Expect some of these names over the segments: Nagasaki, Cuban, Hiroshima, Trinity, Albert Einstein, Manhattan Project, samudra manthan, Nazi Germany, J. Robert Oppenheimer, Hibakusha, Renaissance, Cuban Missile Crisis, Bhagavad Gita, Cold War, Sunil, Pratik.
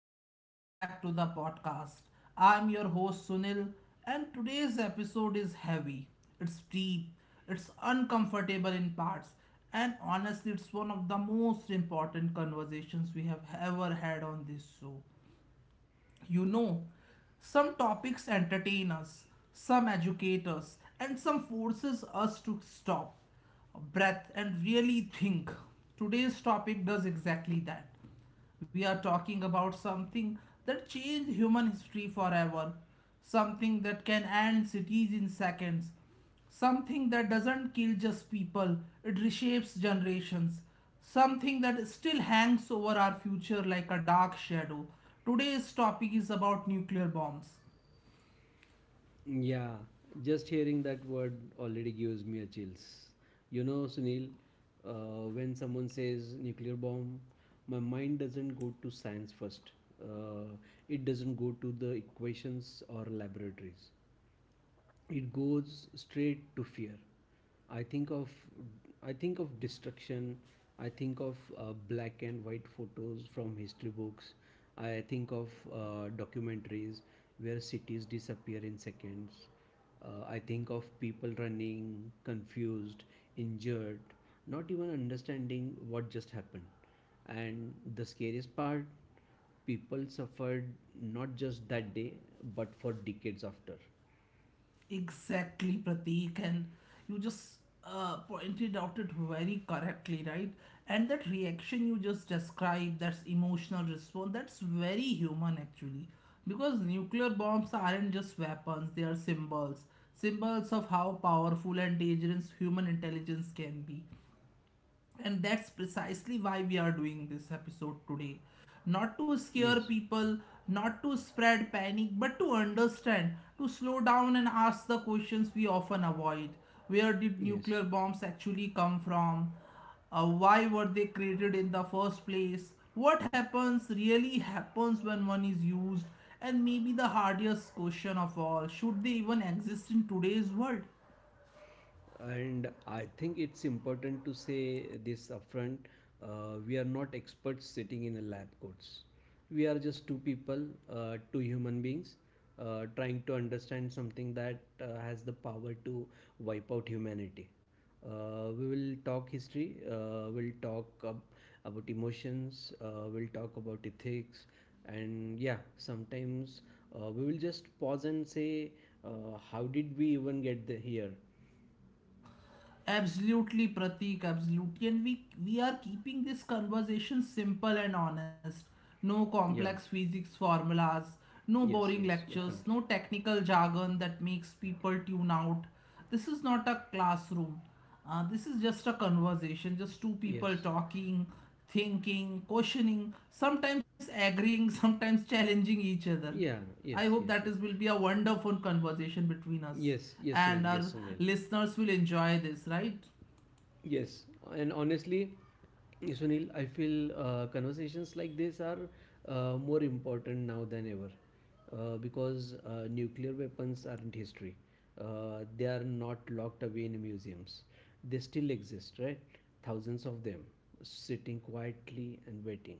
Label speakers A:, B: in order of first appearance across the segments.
A: and welcome back to the podcast. I'm your host Sunil, and today's episode is heavy, it's deep, it's uncomfortable in parts, and honestly, it's one of the most important conversations we have ever had on this show. You know, some topics entertain us, some educate us, and some forces us to stop, breath, and really think. Today's topic does exactly that. We are talking about something that changed human history forever, something that can end cities in seconds, something that doesn't kill just people, it reshapes generations. Something that still hangs over our future like a dark shadow. Today's topic is about nuclear bombs.
B: Yeah, just hearing that word already gives me a chills. You know, Sunil, when someone says nuclear bomb, my mind doesn't go to science first. Uh, it doesn't go to the equations or laboratories, it goes straight to fear. I think of i think of destruction. I think of black and white photos from history books. I think of documentaries where cities disappear in seconds. I think of people running, confused, injured, not even understanding what just happened. And the scariest part, people suffered not just that day but for decades after.
A: Exactly, Pratik, and you just pointed out it very correctly, right? And that reaction you just described, that's emotional response, that's very human actually. Because nuclear bombs aren't just weapons, they are symbols. Symbols of how powerful and dangerous human intelligence can be, and that's precisely why we are doing this episode today, not to scare
B: Yes.
A: people, not to spread panic, but to understand, to slow down and ask the questions we often avoid. Where did
B: Yes,
A: nuclear bombs actually come from? Why were they created in the first place? What happens, really happens, when one is used? And maybe the hardest question of all, should they even exist in today's world?
B: and I think it's important to say this upfront. We are not experts sitting in a lab coats. We are just two people, two human beings, trying to understand something that has the power to wipe out humanity. We will talk history, we'll about emotions, we'll talk about ethics, and yeah, sometimes we will just pause and say, how did we even get the here?
A: Absolutely, Pratik, absolutely. And we are keeping this conversation simple and honest. No complex
B: Yeah.
A: physics formulas, no boring
B: Yes. Yes.
A: lectures, no
B: Definitely.
A: technical jargon that makes people tune out. This is not a classroom. This is just a conversation, just two people
B: Yes.
A: talking, thinking, questioning, sometimes agreeing, sometimes challenging each other.
B: Yeah.
A: I
B: Yes.
A: hope that
B: Yes.
A: is
B: Yes.
A: will be a wonderful conversation between us
B: Yes. Yes,
A: and
B: Sunil.
A: our
B: Yes, Sunil.
A: listeners will enjoy this, right?
B: Yes, and honestly, yes, Sunil, I feel conversations like this are more important now than ever because nuclear weapons aren't history. They are not locked away in museums. They still exist, right? Thousands of them sitting quietly and waiting.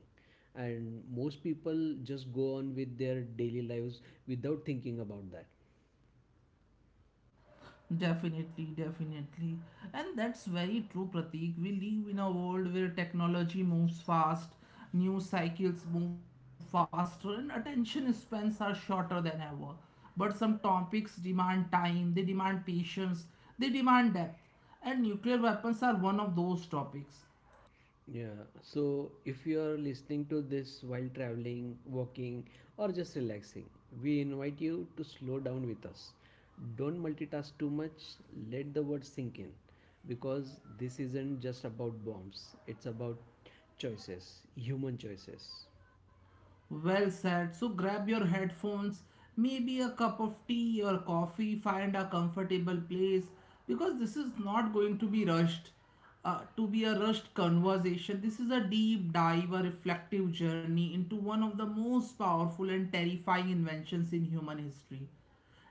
B: And most people just go on with their daily lives without thinking about that.
A: Definitely, definitely. And that's very true, Pratik. We live in a world where technology moves fast, news cycles move faster, and attention spans are shorter than ever. But some topics demand time, they demand patience, they demand depth. And nuclear weapons are one of those topics.
B: Yeah, so if you are listening to this while traveling, walking, or just relaxing, we invite you to slow down with us. Don't multitask too much, let the words sink in because this isn't just about bombs, it's about choices, human choices.
A: Well said. So grab your headphones, maybe a cup of tea or coffee, find a comfortable place because this is not going to be rushed. To be a rushed conversation, this is a deep dive, a reflective journey into one of the most powerful and terrifying inventions in human history.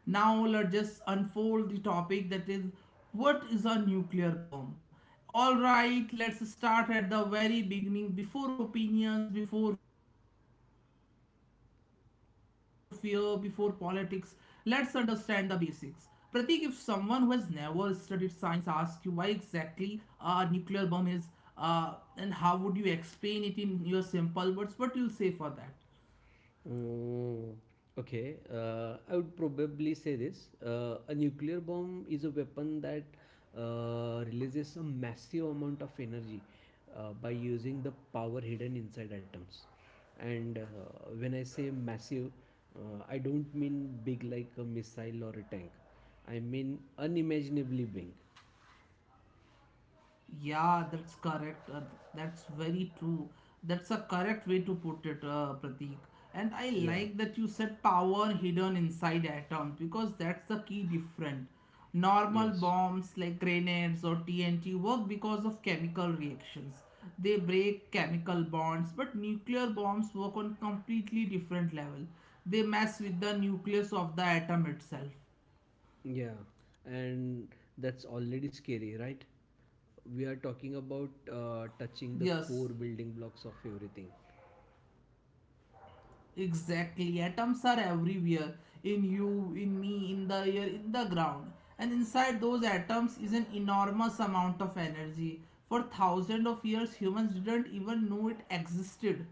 A: Now let's just unfold the topic, that is, what is a nuclear bomb? All right, let's start at the very beginning, before opinions, before fear, before politics. Let's understand the basics. Pratik, if someone who has never studied science asks you why exactly a nuclear bomb is, and how would you explain it in your simple words, what you'll say for that?
B: Mm, okay, I would probably say this. A nuclear bomb is a weapon that releases a massive amount of energy by using the power hidden inside atoms. And when I say massive, I don't mean big like a missile or a tank. I mean unimaginably big.
A: Yeah, that's correct. That's very true. That's a correct way to put it, Pratik. And I
B: Yeah,
A: like that you said power hidden inside atoms because that's the key different. Normal
B: yes.
A: bombs like grenades or TNT work because of chemical reactions. They break chemical bonds, but nuclear bombs work on completely different level. They mess with the nucleus of the atom itself.
B: Yeah, and that's already scary, right? We are talking about touching the core
A: Yes.
B: building blocks of everything.
A: Exactly. Atoms are everywhere, in you, in me, in the air, in the ground. And inside those atoms is an enormous amount of energy. For thousands of years, humans didn't even know it existed.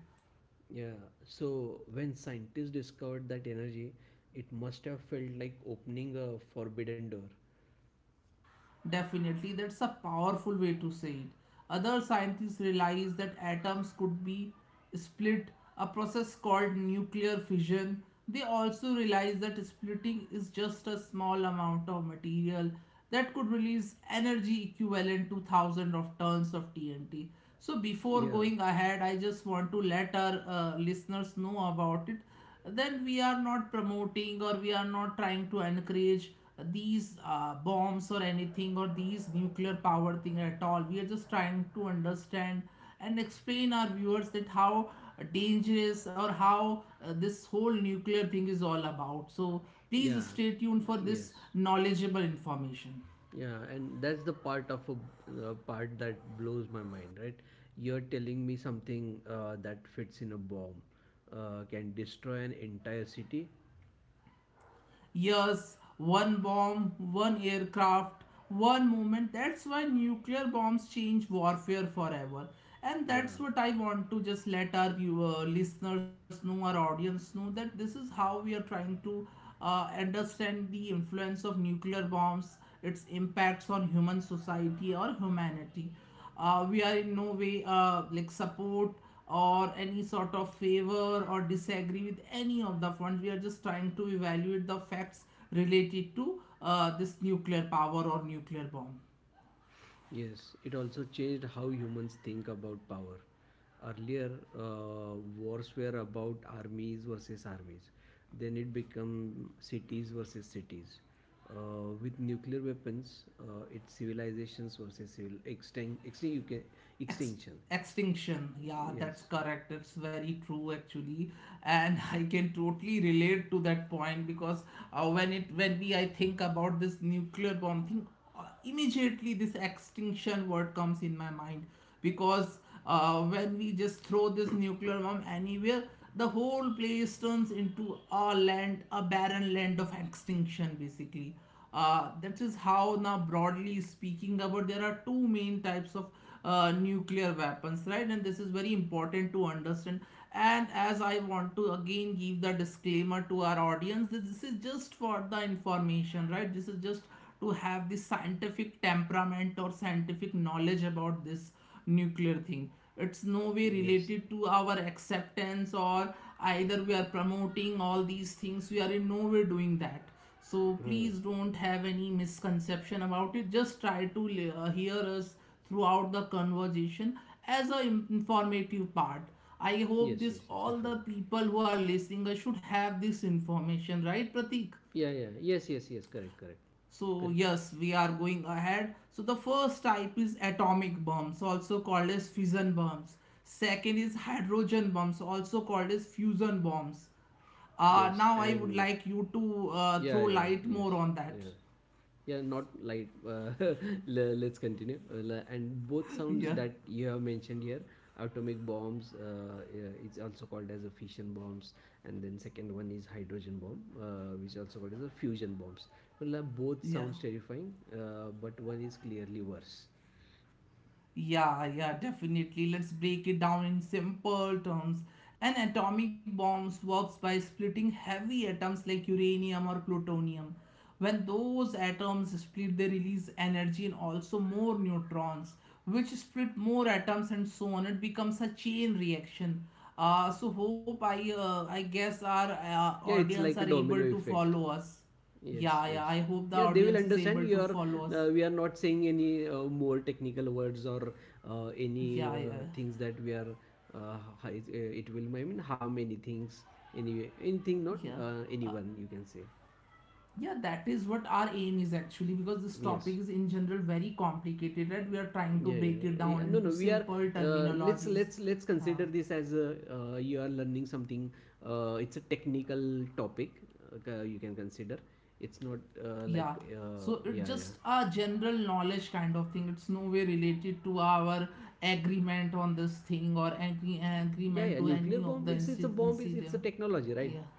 B: Yeah, so when scientists discovered that energy, it must have felt like opening a forbidden door.
A: Definitely, that's a powerful way to say it. Other scientists realized that atoms could be split, a process called nuclear fission. They also realized that splitting is just a small amount of material that could release energy equivalent to thousands of tons of TNT. So, before
B: Yeah,
A: going ahead, I just want to let our listeners know about it, then we are not promoting or we are not trying to encourage these bombs or anything, or these nuclear power thing at all. We are just trying to understand and explain our viewers that how dangerous or how this whole nuclear thing is all about. So
B: yeah,
A: please stay tuned for
B: yes.
A: this knowledgeable information.
B: Yeah, and that's the part of a part that blows my mind, right? You're telling me something that fits in a bomb can destroy an entire city.
A: Yes, one bomb, one aircraft, one moment. That's why nuclear bombs change warfare forever. And
B: Yeah.
A: that's what I want to just let our listeners know, our audience know, that this is how we are trying to understand the influence of nuclear bombs, its impacts on human society or humanity. We are in no way like support or any sort of favor or disagree with any of the funds. We are just trying to evaluate the facts related to this nuclear power or nuclear bomb.
B: Yes, it also changed how humans think about power. Earlier, wars were about armies versus armies. Then it became cities versus cities. With nuclear weapons, it's civilizations versus civil extinct, extinct you can,
A: Ext-
B: extinction.
A: Extinction, yeah, that's
B: Yes.
A: correct, it's very true actually. And I can totally relate to that point because when it when we I think about this nuclear bomb thing, immediately this extinction word comes in my mind, because when we just throw this nuclear bomb anywhere, the whole place turns into a land, a barren land of extinction basically. That is how, now broadly speaking about, there are two main types of nuclear weapons, right? And this is very important to understand. And as I want to again give the disclaimer to our audience that this is just for the information, right? This is just to have the scientific temperament or scientific knowledge about this nuclear thing. It's no way
B: Yes.
A: related to our acceptance, or either we are promoting all these things. We are in no way doing that. So
B: Hmm.
A: please don't have any misconception about it, just try to hear us throughout the conversation as a informative part. I hope
B: Yes, yes,
A: this,
B: yes,
A: all
B: definitely.
A: the people who are listening, should have this information, right, Pratik?
B: Yeah, yeah. Yes, yes, yes. Correct, correct,
A: So
B: correct.
A: yes, we are going ahead. So the first type is atomic bombs, also called as fission bombs. Second is hydrogen bombs, also called as fusion bombs.
B: Yes,
A: Now I would
B: and
A: like you to
B: yeah,
A: throw
B: yeah,
A: light
B: yes,
A: more on that.
B: yeah. yeah not like let's continue. And both sounds
A: Yeah,
B: that you have mentioned here, atomic bombs, it's also called as a fission bombs, and then second one is hydrogen bomb which also called as a fusion bombs. Well, both
A: yeah,
B: sounds terrifying but one is clearly worse.
A: yeah, definitely. Let's break it down in simple terms. An atomic bomb works by splitting heavy atoms like uranium or plutonium. When those atoms split, they release energy and also more neutrons, which split more atoms and so on. It becomes a chain reaction. So hope I guess our
B: Yeah, it's
A: audience
B: like a
A: are
B: domino
A: able to
B: effect.
A: follow us.
B: Yes,
A: Yeah, yeah.
B: yes.
A: I hope the
B: Yeah, they will
A: audience is
B: understand
A: able
B: you
A: to
B: are,
A: follow us.
B: we are not saying any more technical words or any
A: Yeah, yeah.
B: things that we are, it will, I mean, harm any things, any, anything, not
A: Yeah.
B: anyone, you can say.
A: Yeah, that is what our aim is actually, because this topic
B: Yes.
A: is in general very complicated, right? We are trying to
B: Yeah, yeah,
A: break it
B: yeah. Yeah,
A: down
B: no,
A: into
B: no, we are,
A: simple
B: let's,
A: terminologies.
B: let's, let's
A: Uh,
B: consider this as a, you are learning something, it's a technical topic, you can consider. It's not
A: yeah.
B: like,
A: So it's
B: yeah, yeah.
A: just a general knowledge kind of thing. It's no way related to our agreement on this thing, or
B: Yeah,
A: agreement
B: yeah,
A: to
B: nuclear
A: any of
B: bomb,
A: the
B: it's a bomb, it's a
A: incident.
B: technology, right?
A: Yeah.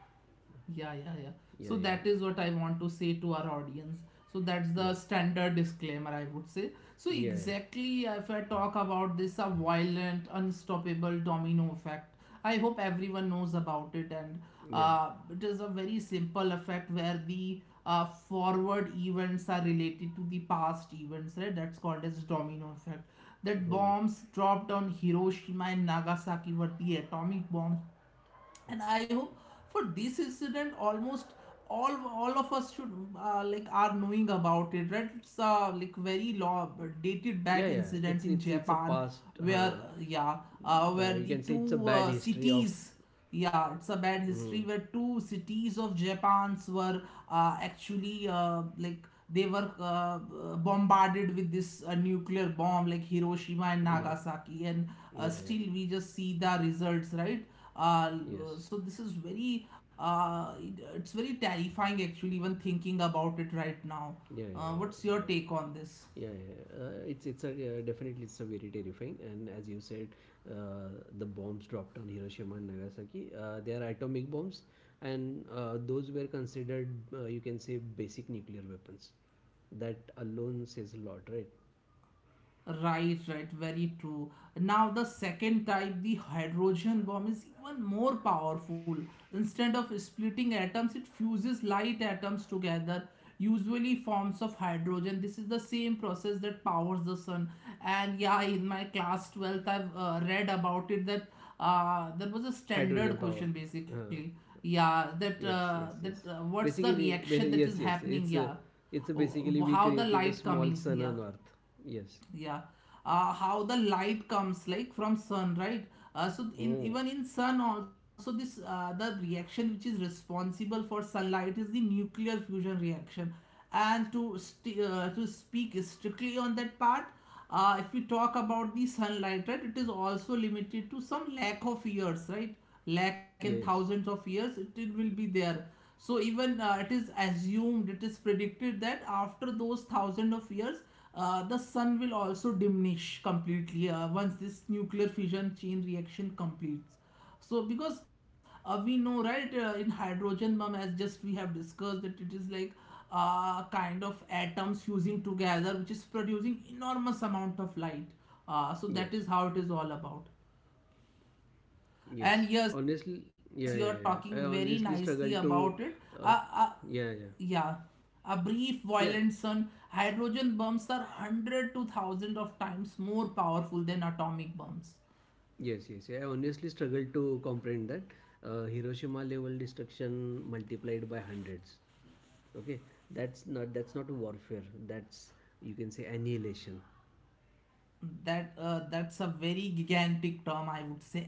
A: Yeah, yeah, yeah.
B: Yeah,
A: So
B: yeah,
A: that is what I want to say to our audience. So that's
B: yeah,
A: the standard disclaimer, I would say. So,
B: yeah,
A: exactly, if I talk about this, a violent, unstoppable domino effect, I hope everyone knows about it. And
B: yeah, yeah.
A: it is a very simple effect where the forward events are related to the past events, right? That's called as domino effect. That
B: Mhm.
A: bombs dropped on Hiroshima and Nagasaki were the atomic bombs, and I hope for this incident almost all all of us should like are knowing about it, right? It's a like very long dated
B: Yeah,
A: back
B: yeah,
A: incident
B: it's
A: in
B: it's it's a
A: Japan,
B: past,
A: where
B: uh,
A: where
B: you
A: the
B: can say it's a
A: two
B: bad history of.
A: cities, yeah, it's a bad
B: Mm,
A: history where two cities of Japan's were actually like they were bombarded with this nuclear bomb, like Hiroshima and
B: yeah,
A: Nagasaki, and
B: yeah,
A: still we just see the results, right? Uh,
B: yeah, yes,
A: so this is very it's very terrifying actually, even thinking about it right now.
B: yeah, yeah, yeah.
A: What's your
B: Yeah.
A: take on this?
B: Yeah, yeah. Yeah. It's a Definitely it's a very terrifying. And as you said, uh, the bombs dropped on Hiroshima and Nagasaki. They are atomic bombs, and those were considered, you can say, basic nuclear weapons. That alone says a lot, right?
A: Right, right, very true. Now, the second type, the hydrogen bomb, is even more powerful. Instead of splitting atoms, it fuses light atoms together, usually forms of hydrogen. This is the same process that powers the sun. And yeah, in my class 12th, I've read about it that there was a standard
B: Hydrogen power.
A: question basically.
B: Uh,
A: Yeah, that
B: yes,
A: uh,
B: yes,
A: that uh,
B: yes.
A: what's the
B: Basically,
A: reaction that is
B: yes, yes.
A: happening? Yeah,
B: It's a
A: oh,
B: Basically we
A: how the
B: created a
A: light
B: small
A: coming?
B: sun
A: Yeah
B: on Earth. Yes.
A: yeah, how the light comes like from sun, right?
B: Oh.
A: In sun also this, the reaction which is responsible for sunlight is the nuclear fusion reaction. And to to speak strictly on that part, if we talk about the sunlight, right, it is also limited to some lack of years, right? Lack in
B: Yes,
A: thousands of years it will be there. So even it is assumed, it is predicted that after those thousand of years, the sun will also diminish completely once this nuclear fission chain reaction completes. So because we know, right, in hydrogen mum, as just we have discussed, that it is like kind of atoms fusing together, which is producing enormous amount of light.
B: yes.
A: So that is how it is all about.
B: Yes,
A: And yes,
B: honestly,
A: you're
B: yeah, yeah,
A: talking very
B: yeah. I
A: nicely
B: honestly
A: about it. Uh, uh,
B: uh, yeah,
A: yeah,
B: yeah,
A: a brief violent
B: yeah,
A: sun, hydrogen bombs are 100 to 1000 of times more powerful than atomic bombs.
B: yes, yes. Yeah, I honestly struggle to comprehend that Hiroshima level destruction multiplied by hundreds. Okay, that's not, that's not warfare. That's, you can say, annihilation.
A: That's a very gigantic term. I would say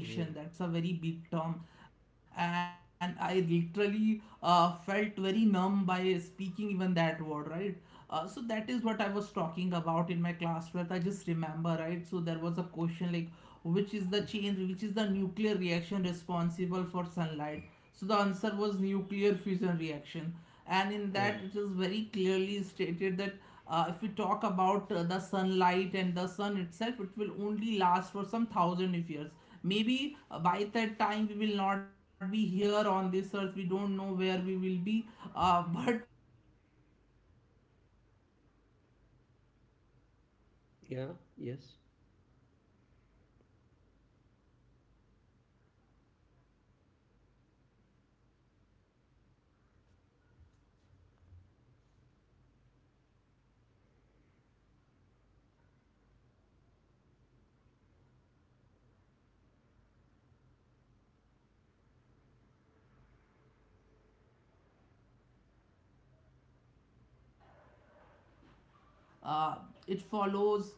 B: Yeah.
A: that's a very big term, and I literally felt very numb by speaking even that word, right? So that is what I was talking about in my class 12th. I just remember, right? So there was a question like which is the nuclear reaction responsible for sunlight. So the answer was nuclear fusion reaction. And in that,
B: Mm.
A: it is very clearly stated that if we talk about the sunlight and the sun itself, it will only last for some thousand of years. Maybe by that time we will not be here on this earth. We don't know where we will be. But for the sunlight, it's a fixed amount of time. Maybe it's
B: Yeah.
A: very
B: Yes.
A: large, but yeah, it is there. So you know that what scares me most, Pratik. It's not the explosion, it what comes after. So that is what we have to talk about. And you're talking about the radiation, yes, because explosion kill instantly, but radiation it lingers. Uh, it follows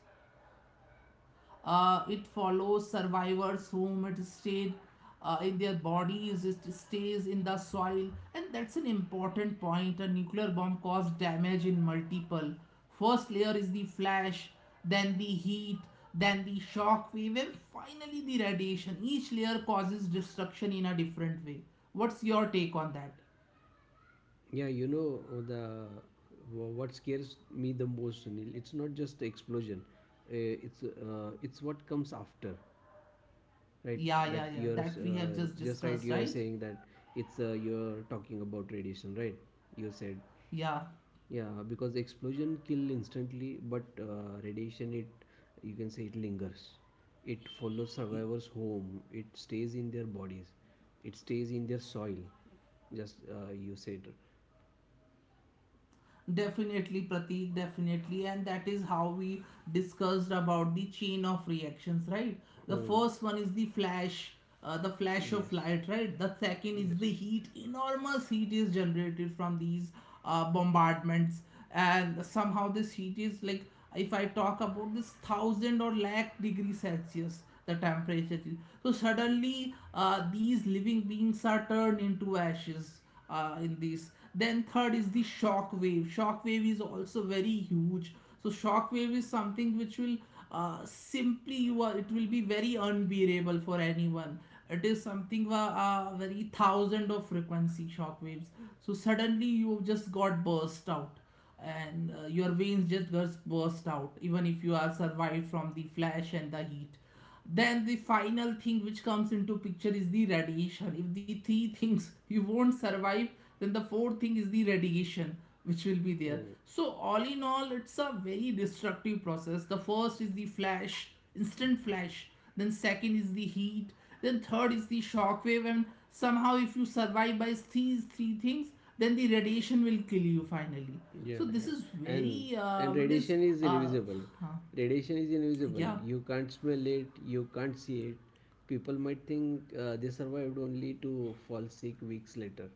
A: it follows survivors whom it stayed in their bodies, it stays in the soil, and that's an important point. A nuclear bomb caused damage in multiple. First layer is the flash, then the heat, then the shock wave, and finally the radiation. Each layer causes destruction in a different way. What's your take on that?
B: Yeah. You know the what scares me the most, Sunil? It's not just the explosion. It's what comes after. Right,
A: Yeah,
B: that
A: yeah, yeah,
B: you're
A: that we have just
B: just right,
A: discussed,
B: you're
A: right?
B: saying that it's you're talking about radiation, right? You said
A: Yeah.
B: yeah because explosion kill instantly but radiation, it, you can say, it lingers, it follows survivors home, it stays in their bodies, it stays in their soil, just you said.
A: Definitely, Pratik, definitely. And that is how we discussed about the chain of reactions, right? The
B: Oh.
A: first one is the flash of
B: Yes.
A: light, right? The second is
B: Yes.
A: the heat. Enormous heat is generated from these bombardments. And somehow this heat is like, if I talk about this thousand or lakh degree Celsius, the temperature change. So suddenly, these living beings are turned into ashes in this. Then third is the shock wave. Shock wave is also very huge. So shock wave is something which will, simply you are, it will be very unbearable for anyone. It is something very thousand of frequency shock waves. So suddenly you just got burst out, and your veins just gets burst out even if you are survived from the flash and the heat. Then the final thing which comes into picture is the radiation. If the three things you won't survive, then the fourth thing is the radiation, which will be there.
B: Oh.
A: So all in all, it's a very destructive process. The first is the flash, instant flash, then second is the heat, then third is the shock wave, and somehow if you survive by these three things, then the radiation will kill you finally.
B: Yeah,
A: So this
B: yeah.
A: is
B: And
A: very
B: and
A: what is
B: radiation is
A: uh,
B: invisible. Radiation is invisible.
A: yeah.
B: You can't smell it, you can't see it. People might think they survived only to fall sick weeks later.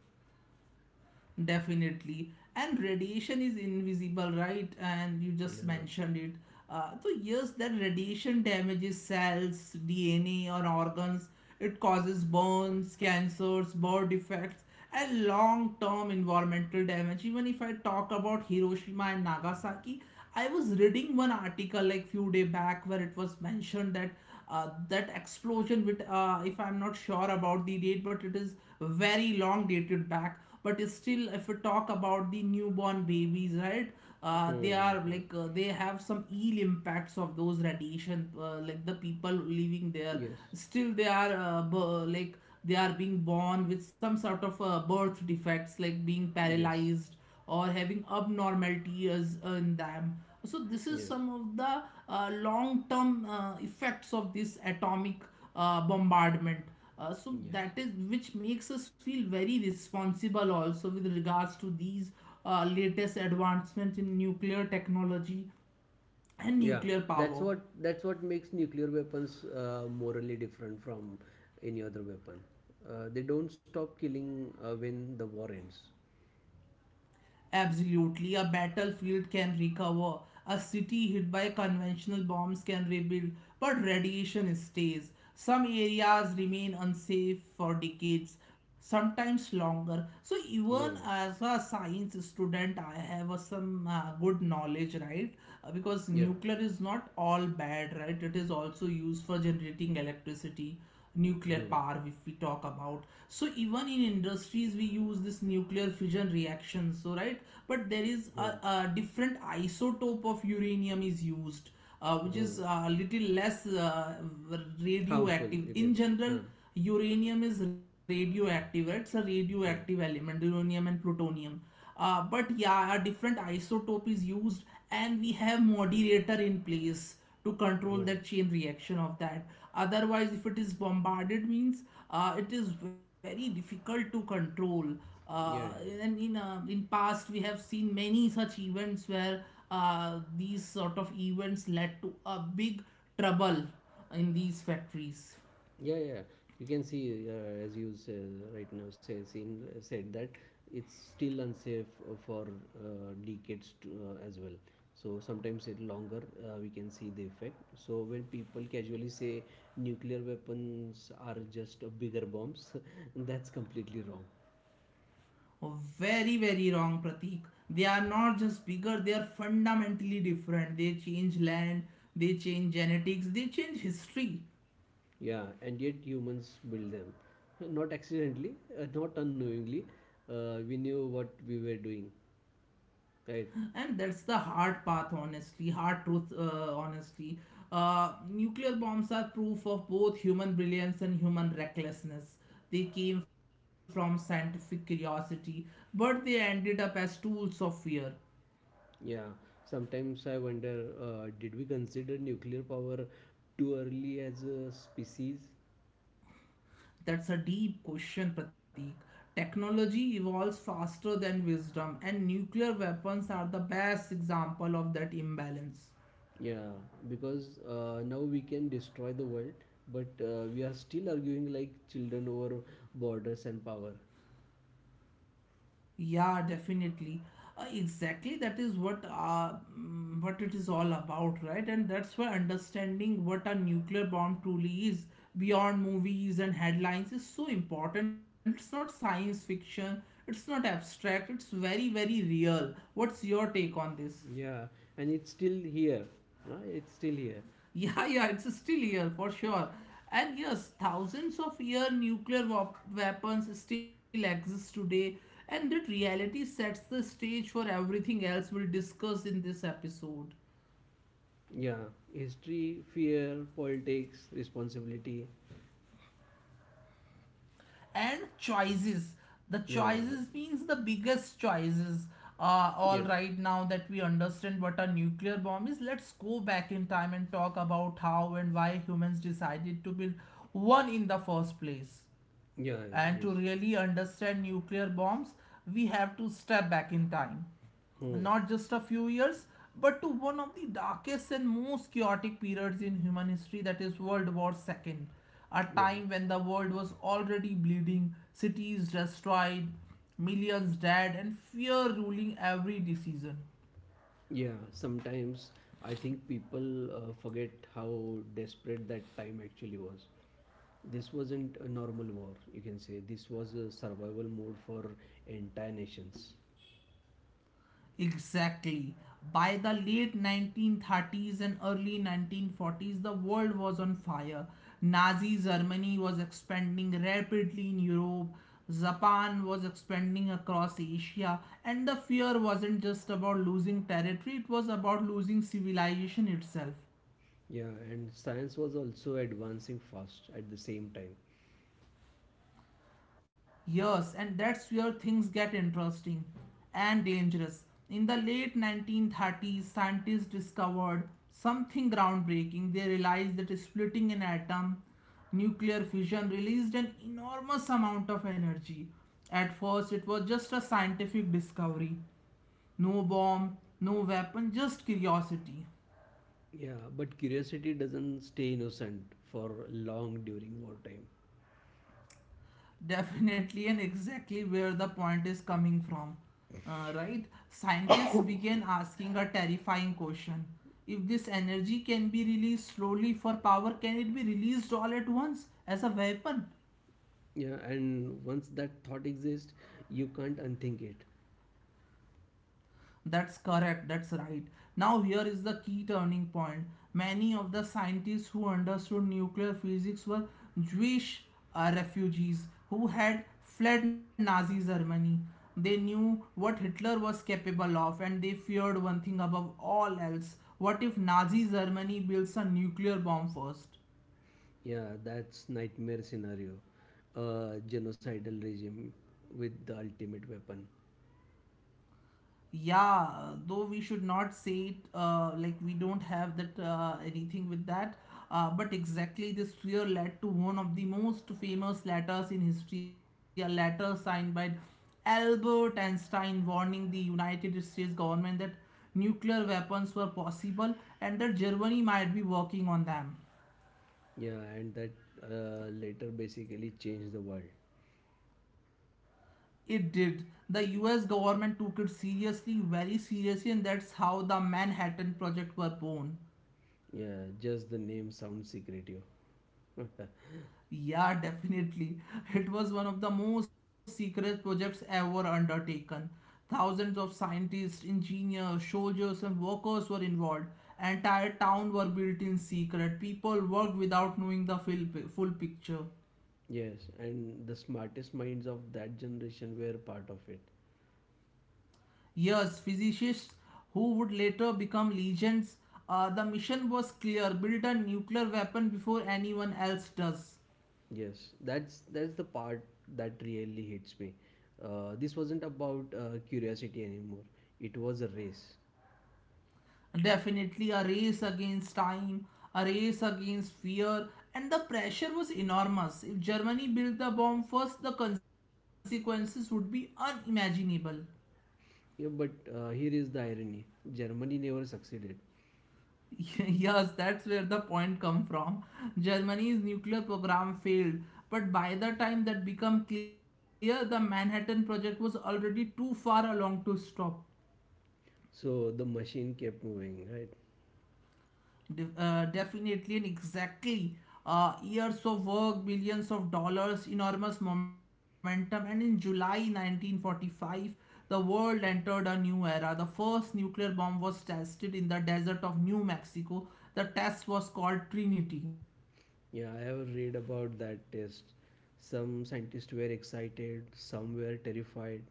A: Definitely. And radiation is invisible, right? And you just
B: Yeah.
A: mentioned it. Yes, that radiation damages cells, DNA, or organs. It causes burns, cancers, birth defects, and long term environmental damage. Even if I talk about Hiroshima and Nagasaki, I was reading one article like few day back where it was mentioned that that explosion, with if I'm not sure about the date, but it is very long dated back. But still if we talk about the newborn babies, right, they
B: Hmm, hmm,
A: are
B: hmm.
A: like they have some ill impacts of those radiation. Like the people living there,
B: Yes.
A: still they are, like they are being born with some sort of birth defects like being
B: Yes.
A: paralyzed or having abnormalities in them. So this is
B: Yes.
A: some of the long-term effects of this atomic bombardment. So
B: Yes.
A: that is which makes us feel very responsible also with regards to these latest advancements in nuclear technology and
B: Yeah.
A: nuclear
B: That's
A: power.
B: what that's what makes nuclear weapons morally different from any other weapon. They don't stop killing when the war ends.
A: Absolutely. A battlefield can recover. A city hit by conventional bombs can rebuild, but radiation stays. Some areas remain unsafe for decades, sometimes longer. So, even
B: Yeah.
A: as a science student, I have some good knowledge, right? Because
B: Yeah.
A: nuclear is not all bad, right? It is also used for generating electricity, nuclear
B: Hmm.
A: power if we talk about. So even in industries we use this nuclear fission reaction, so right, but there is a,
B: Hmm.
A: a different isotope of uranium is used, which is
B: Hmm.
A: a little less
B: Harmful,
A: radioactive
B: you can
A: in
B: say, huh.
A: general. Uranium is radioactive, right? It's a radioactive
B: Oh.
A: element, uranium and plutonium. But yeah, a different isotope is used, and we have moderator in place to control
B: Oh.
A: that chain reaction of that. Otherwise if it is bombarded means, it is very difficult to control. uh,
B: Yeah, yeah,
A: and in uh, in past we have seen many such events where these sort of events led to a big trouble in these factories.
B: yeah, yeah. You can see as you say, said that it's still unsafe for uh, decades to, as well, so sometimes it longer we can see the effect. So when people casually say nuclear weapons are just bigger bombs, that's completely wrong.
A: Oh, very very wrong, Pratik. They are not just bigger, they are fundamentally different. They change land, they change genetics, they change history.
B: Yeah, and yet humans build them, not accidentally, not unknowingly, we knew what we were doing. Right.
A: And that's the hard path honestly, hard truth, honestly. Nuclear bombs are proof of both human brilliance and human recklessness. They came from scientific curiosity, but they ended up as tools of fear.
B: Yeah. Sometimes I wonder, did we consider nuclear power too early as a species?
A: That's a deep question, Pratik. Technology evolves faster than wisdom, and nuclear weapons are the best example of that imbalance.
B: Yeah, because now we can destroy the world, but we are still arguing like children over borders and power.
A: Yeah, definitely. Exactly, that is what what it is all about, right? And that's why understanding what a nuclear bomb truly is, beyond movies and headlines, is so important. It's not science fiction, it's not abstract, it's very, very real. What's your take on this?
B: Yeah, and it's still here. Huh? It's still here.
A: Yeah, yeah, it's still here for sure. And yes, thousands of year nuclear weapons still exist today, and that reality sets the stage for everything else we'll discuss in this episode.
B: Yeah, history, fear, politics, responsibility.
A: And choices. The
B: Yeah,
A: choices means the biggest choices. All
B: yes.
A: right, now that we understand what a nuclear bomb is, let's go back in time and talk about how and why humans decided to build one in the first place.
B: Yeah, yeah,
A: And
B: yes.
A: to really understand nuclear bombs, we have to step back in time,
B: Hmm.
A: not just a few years, but to one of the darkest and most chaotic periods in human history, that is world war ii. A
B: Yeah.
A: time when the world was already bleeding, cities destroyed, millions dead, and fear ruling every decision.
B: Yeah, sometimes I think people forget how desperate that time actually was. This wasn't a normal war, you can say. This was a survival mode for entire nations.
A: Exactly. By the late 1930s and early 1940s, the world was on fire. Nazi Germany was expanding rapidly in Europe, Japan was expanding across Asia, and the fear wasn't just about losing territory, it was about losing civilization itself.
B: Yeah, and science was also advancing fast at the same time.
A: Yes, and that's where things get interesting and dangerous. In the late 1930s, scientists discovered something groundbreaking. They realized that splitting an atom, nuclear fission, released an enormous amount of energy. At first, it was just a scientific discovery, no bomb, no weapon, just curiosity.
B: Yeah, but curiosity doesn't stay innocent for long during wartime.
A: Definitely, and exactly where the point is coming from. Right? Scientists began asking a terrifying question. If this energy can be released slowly for power, can it be released all at once as a weapon?
B: Yeah, and once that thought exists, you can't unthink it.
A: That's correct, that's right. Now, here is the key turning point. Many of the scientists who understood nuclear physics were Jewish, refugees who had fled Nazi Germany. They knew what Hitler was capable of and they feared one thing above all else. What if Nazi Germany builds a nuclear bomb first?
B: Yeah, that's nightmare scenario. A genocidal regime with the ultimate weapon.
A: Yeah, though we should not say it, like we don't have that anything with that. But exactly this fear led to one of the most famous letters in history, a letter signed by Albert Einstein warning the United States government that nuclear weapons were possible and that Germany might be working on them.
B: Yeah, and that later basically changed the world.
A: It did. The US government took it seriously, very seriously, and that's how the Manhattan Project were born.
B: Yeah, just the name sounds secretive.
A: Yeah, definitely. It was one of the most secret projects ever undertaken. Thousands of scientists, engineers, soldiers, and workers were involved. Entire towns were built in secret. People worked without knowing the full, full picture.
B: Yes, and the smartest minds of that generation were part of it.
A: Yes, physicists who would later become legends. The mission was clear: build a nuclear weapon before anyone else does.
B: Yes, that's the part that really hits me. This wasn't about curiosity anymore. It was a race.
A: Definitely a race against time, a race against fear, and the pressure was enormous. If Germany built the bomb first, the consequences would be unimaginable.
B: Yeah, but here is the irony: Germany never succeeded.
A: Yes, that's where the point come from. Germany's nuclear program failed, but by the time that became clear, the Manhattan Project was already too far along to stop.
B: So the machine kept moving, right?
A: Definitely and exactly. Years of work, billions of dollars, enormous momentum, and in July 1945, the world entered a new era. The first nuclear bomb was tested in the desert of New Mexico. The test was called Trinity.
B: Yeah, I have read about that test. Some scientists were excited, some were terrified.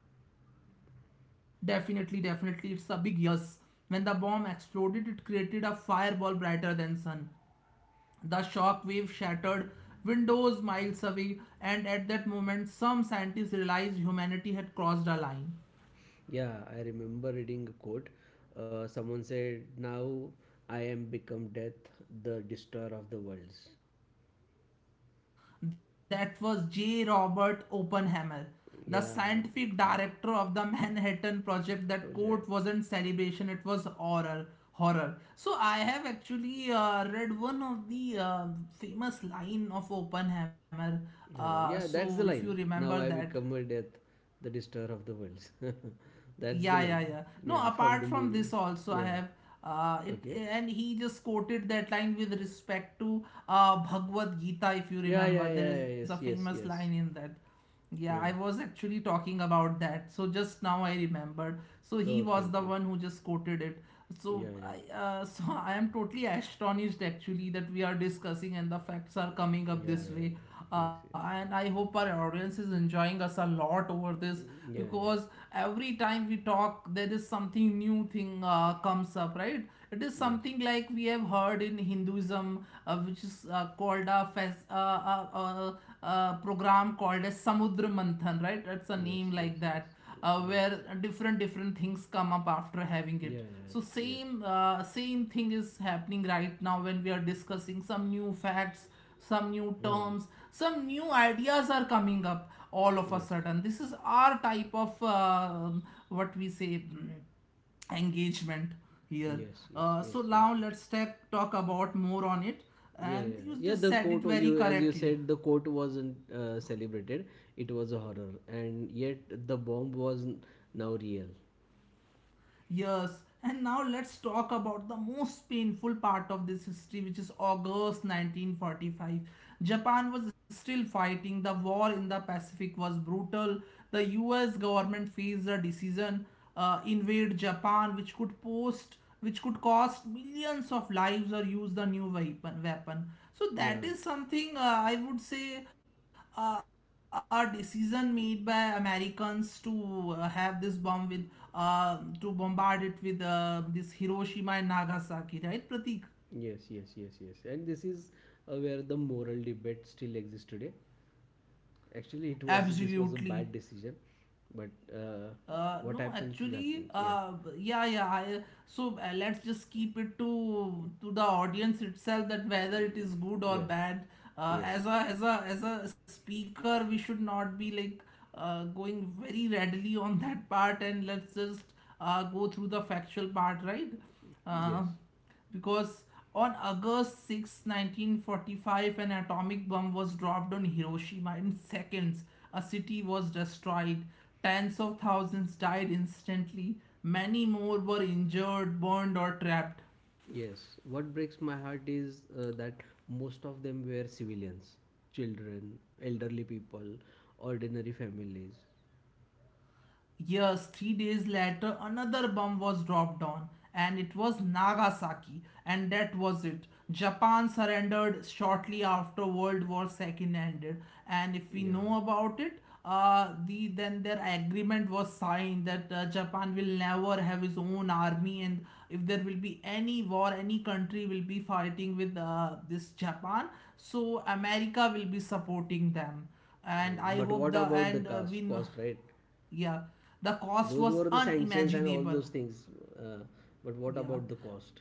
A: Definitely, definitely, it's a big yes. When the bomb exploded, it created a fireball brighter than sun. The shockwave shattered windows miles away, and at that moment, some scientists realized humanity had crossed a line.
B: Yeah, I remember reading a quote. Someone said, Now I am become death, the destroyer of the worlds.
A: That was J. Robert Oppenheimer, the
B: Yeah,
A: scientific director of the Manhattan Project. That quote
B: project.
A: wasn't celebration, it was horror. Horror. So I have actually read one of the famous line of Oppenheimer.
B: Yeah,
A: Uh,
B: yeah,
A: so
B: that's
A: if
B: the
A: you
B: line.
A: remember
B: Now I
A: that,
B: become a death, the destroyer of the worlds. That's the
A: yeah, yeah,
B: line.
A: yeah. No,
B: Yeah, from
A: apart
B: the
A: from
B: movie.
A: this also I
B: Yeah,
A: have it
B: okay.
A: and he just quoted that line with respect to Bhagavad Gita, if you
B: Yeah, yeah,
A: remember.
B: yeah, yeah,
A: There is
B: yes,
A: a
B: yes,
A: famous
B: yes.
A: line in that. Yeah,
B: Yeah.
A: I was actually talking about that. So just now I remembered. So he
B: Okay,
A: was the
B: okay.
A: one who just quoted it.
B: Yeah,
A: So
B: yeah.
A: I so I am totally astonished actually that we are discussing and the facts are coming up
B: Yeah,
A: this
B: yeah.
A: way,
B: Yes, yes.
A: and I hope our audience is enjoying us a lot over this,
B: Mm, yeah,
A: because every time we talk there is something new thing comes up, right? It is
B: yeah. Yes.
A: something like we have heard in Hinduism, which is called a program called as Samudra Manthan, right? It's a
B: Yes,
A: name
B: yes,
A: like
B: yes.
A: that,
B: Mm, yes.
A: where different things come up after having
B: Yeah,
A: it. So
B: yeah. Yes.
A: same thing is happening right now when we are discussing some new facts, some new
B: Hmm.
A: terms, some new ideas are coming up all of a
B: Yes.
A: sudden. This is our type of what we say mm, engagement here.
B: Yes, yes,
A: Uh,
B: yes,
A: so
B: yes,
A: now
B: yes.
A: let's talk about more on it.
B: Yeah,
A: And
B: yeah.
A: you
B: Yeah,
A: just
B: the
A: said it
B: court
A: very
B: you, as you
A: correctly.
B: said, the court wasn't celebrated. It was a horror, and yet the bomb was now real.
A: Yes, and now let's talk about the most painful part of this history, which is August 1945. Japan was still fighting, the war in the Pacific was brutal. The US government faced a decision, invade Japan, which could cost millions of lives, or use the new weapon. So
B: Yeah.
A: that is something, I would say, a decision made by Americans to have this bomb with, uh, to bombard it with, this Hiroshima and Nagasaki, right, Pratik?
B: Yes, yes, yes, yes. And this is where the moral debate still exists today. Actually, it was, this was a bad
A: Absolutely.
B: decision, but uh, what
A: No,
B: happens is
A: actually,
B: happens. Yeah.
A: yeah, yeah. I, so let's just keep it to the audience itself, that whether it is
B: Mm,
A: good or
B: yeah,
A: bad. Uh,
B: yes,
A: as a as a speaker, we should not be like going very readily on that part, and let's just go through the factual part, right?
B: yes,
A: Uh, because on August 6, 1945, an atomic bomb was dropped on Hiroshima. In seconds, a city was destroyed. Tens of thousands died instantly. Many more were injured, burned, or trapped.
B: yes. What breaks my heart is that most of them were civilians, children, elderly people, ordinary families.
A: Yes, three days later, another bomb was dropped on, and it was Nagasaki, and that was it. Japan surrendered shortly after World War II ended, and if we
B: Yeah.
A: know about it, the then their agreement was signed that Japan will never have his own army, and if there will be any war, any country will be fighting with this Japan, so America will be supporting them, and
B: Mm,
A: I
B: but
A: hope
B: what
A: the
B: about the
A: and
B: cost? Cost, right?
A: yeah, the cost
B: Those
A: was
B: were the sanctions and all
A: unimaginable.
B: those things. Uh, but what
A: Yeah,
B: about the cost?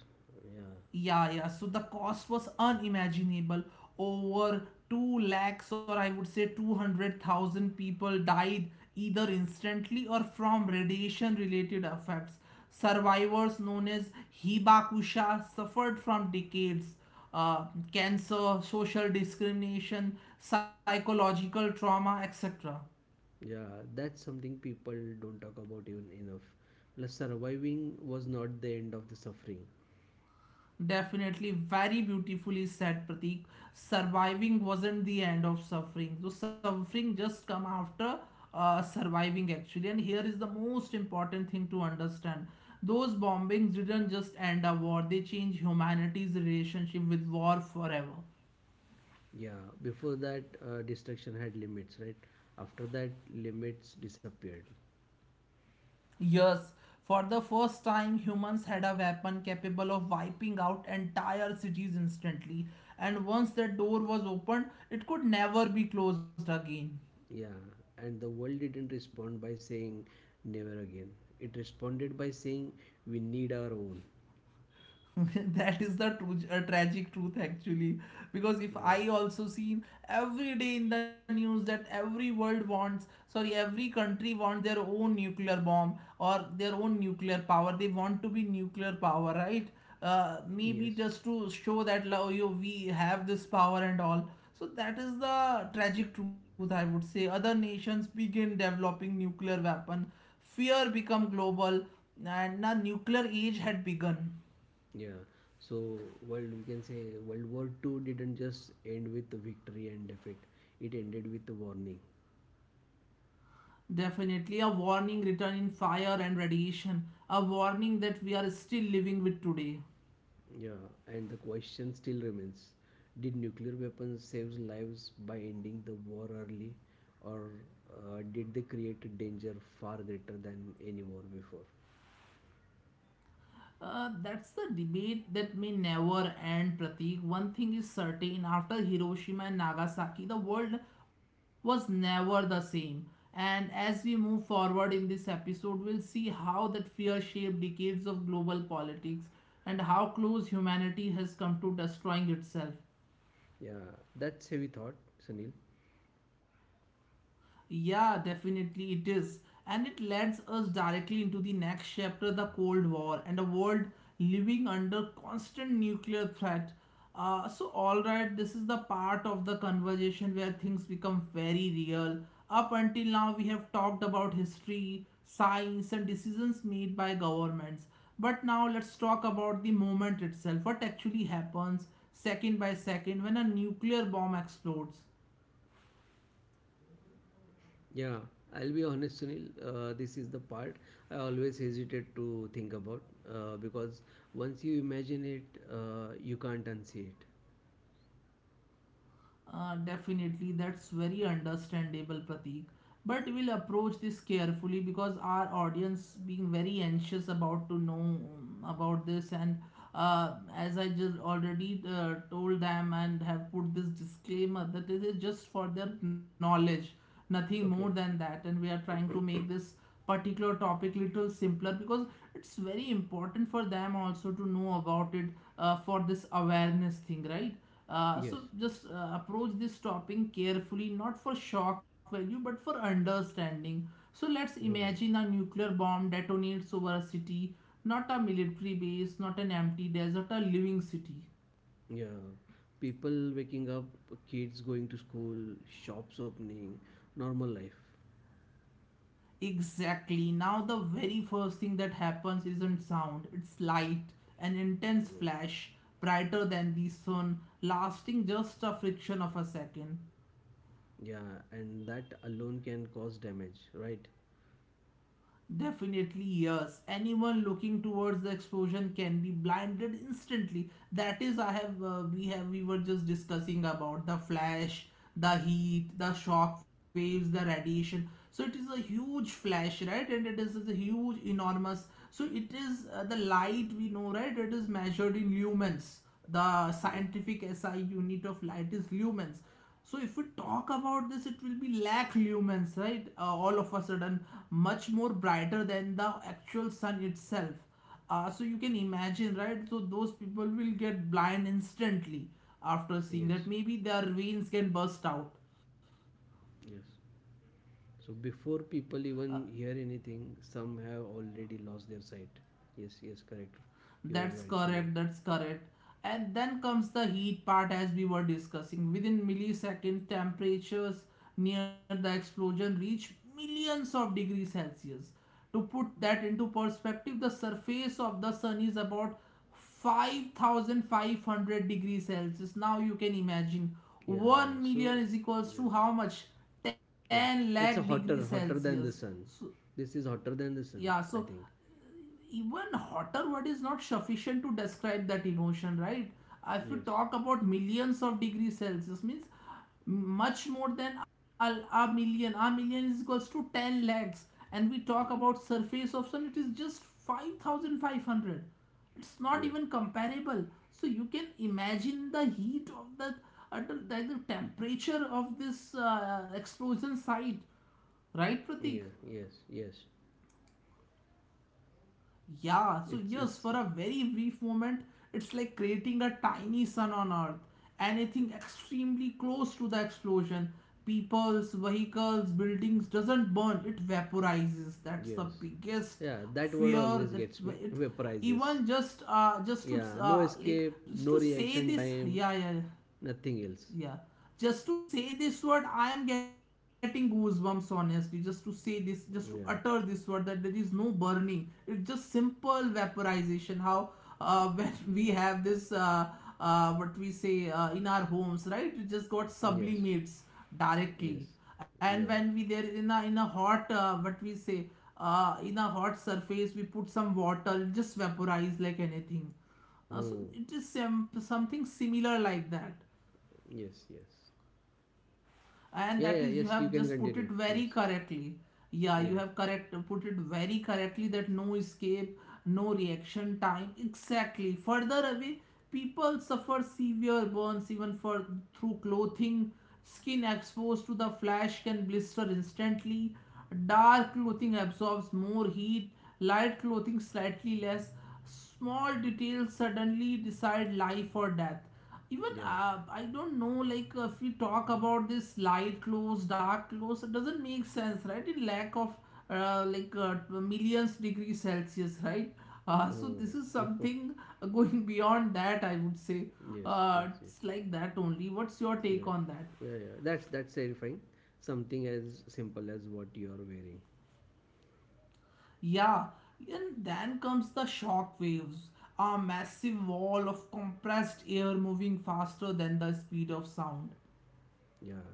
B: Yeah.
A: yeah, yeah. So the cost was unimaginable. Over 2 lakhs, or I would say 200,000 people died either instantly or from radiation related effects. Survivors known as Hibakusha suffered from decades. Uh, cancer, social discrimination, psychological trauma, etc.
B: Yeah, that's something people don't talk about even enough. Plus, surviving was not the end of the suffering.
A: Definitely very beautifully said, Pratik. Surviving wasn't the end of suffering. So suffering just come after surviving actually. And here is the most important thing to understand. Those bombings didn't just end a war, they changed humanity's relationship with war forever.
B: Yeah, before that, destruction had limits, right? After that, limits disappeared.
A: Yes, for the first time, humans had a weapon capable of wiping out entire cities instantly. And once that door was opened, it could never be closed again.
B: Yeah, and the world didn't respond by saying never again. It responded by saying we need our own.
A: That is the true, tragic truth actually, because if
B: Yeah.
A: I also seen every day in the news that every world wants, sorry, every country wants their own nuclear bomb or their own nuclear power, they want to be nuclear power, right? Maybe
B: Yes.
A: just to show that you we have this power and all. So that is the tragic truth, I would say. Other nations begin developing nuclear weapon, fear become global, and a nuclear age had begun.
B: Yeah. So world, we can say, World War Two didn't just end with the victory and defeat. It ended with a warning.
A: Definitely a warning written in fire and radiation, a warning that we are still living with today.
B: Yeah, and the question still remains, did nuclear weapons save lives by ending the war early, or did they create a danger far greater than any war before?
A: That's the debate that may never end, Pratik. One thing is certain, after Hiroshima and Nagasaki, the world was never the same. And as we move forward in this episode, we'll see how that fear shaped decades of global politics, and how close humanity has come to destroying itself.
B: Yeah, that's heavy thought, Sunil.
A: Yeah, definitely it is. And it leads us directly into the next chapter, the Cold War and a world living under constant nuclear threat. Alright, this is the part of the conversation where things become very real. Up until now, we have talked about history, science, and decisions made by governments. But now, let's talk about the moment itself, what actually happens second by second when a nuclear bomb explodes.
B: Yeah, I'll be honest, Sunil. This is the part I always hesitate to think about because once you imagine it, you can't unsee it.
A: Definitely, that's very understandable, Pratik. But we'll approach this carefully, because our audience being very anxious about to know about this, and as I just already told them and have put this disclaimer that it is just for their knowledge, nothing
B: Okay.
A: more than that, and we are trying to make this particular topic little simpler, because it's very important for them also to know about it, for this awareness thing, right? uh,
B: Yes.
A: so just uh, approach this topic carefully, not for shock value but for understanding. So let's
B: Hmm.
A: imagine a nuclear bomb detonates over a city, not a military base, not an empty desert, a living city.
B: Yeah, people waking up, kids going to school, shops opening, normal life.
A: Exactly. Now, the very first thing that happens isn't sound, it's light, an intense
B: Mm.
A: flash, brighter than the sun, lasting just a fraction of a second.
B: Yeah, and that alone can cause damage, right?
A: Definitely, yes. Anyone looking towards the explosion can be blinded instantly. That is, I have we were just discussing about the flash, the heat, the shock waves, the radiation. So it is a huge flash, right? And it is a huge, enormous. So it is the light we know, right? It is measured in lumens. The
B: Yes,
A: scientific SI unit of light is lumens. So if we talk about this, it will be lakh lumens, right? All of a sudden, much more brighter than the actual sun itself. So you can imagine, right? So those people will get blind instantly after seeing
B: yes,
A: that. Maybe their veins can burst out.
B: yes. So before people even hear anything, some have already lost their sight. Yes, yes, correct. You were
A: That's
B: right, Sunil.
A: correct, that's correct. And then comes the heat part, as we were discussing. Within milliseconds, temperatures near the explosion reach millions of degrees Celsius. To put that into perspective, the surface of the sun is about 5,500 degrees Celsius. Now you can imagine,
B: Yeah, yeah.
A: 1
B: So,
A: million is equals
B: yes.
A: to how much? 10
B: Yeah,
A: lakh
B: it's a
A: degrees
B: hotter
A: Celsius.
B: than the
A: So,
B: sun. This is hotter than the
A: yeah,
B: sun,
A: so
B: I think.
A: even hotter word is not sufficient to describe that emotion, right? If you
B: Yes,
A: talk about millions of degrees Celsius, means much more than a, million. A million is equals to 10 lakhs, and we talk about surface of sun, it is just 5,500. It's not even
B: yes,
A: comparable. So you can imagine the heat of that, the temperature of this explosion site, right Pratik?
B: yeah, yes, yes.
A: Yeah, so
B: It's
A: yes,
B: it's
A: for a very brief moment, it's like creating a tiny sun on Earth. Anything extremely close to the explosion, people's, vehicles, buildings, doesn't burn, it vaporizes. That's the
B: Yes.
A: biggest
B: Yeah, that word
A: fear.
B: always
A: That's
B: gets me.
A: wh- it.
B: Vaporizes.
A: Even just to
B: Yeah, no
A: like
B: escape,
A: just
B: no
A: to say
B: reaction
A: this,
B: time,
A: yeah, yeah, yeah.
B: nothing else.
A: Yeah. Just to say this word, I am getting goosebumps, honestly. Just to say this, just to utter
B: Yeah.
A: this word, that there is no burning. It's just simple vaporization. How when we have this, what we say in our homes, right? It just got
B: Yes.
A: sublimates
B: Yes.
A: directly. And
B: Yeah.
A: when we there in a hot, what we say, in a hot surface, we put some water, it just vaporize like anything. So
B: Hmm.
A: it is something similar like that,
B: Yes, yes.
A: and
B: Yeah,
A: that
B: yeah,
A: is, you
B: yes, you
A: have
B: can
A: just put
B: continue.
A: it very
B: Yes.
A: correctly. Yeah, you
B: Yeah.
A: have correct put it very correctly, that no escape, no reaction time, exactly. Further away, people suffer severe burns even for, through clothing, skin exposed to the flash can blister instantly. Dark clothing absorbs more heat, light clothing slightly less. Small details suddenly decide life or death. Even
B: Yeah.
A: I don't know, like if we talk about this light clothes dark clothes, it doesn't make sense, right, in lack of like millions degree Celsius, right? So
B: Hmm.
A: this is something going beyond that, I would say.
B: Yes, yes, yes.
A: It's like that only. What's your take
B: Yeah.
A: on that?
B: Yeah, yeah. That's terrifying. Something as simple as what you're wearing.
A: Yeah, and then comes the shock waves, a massive wall of compressed air moving faster than the speed of sound.
B: Yeah.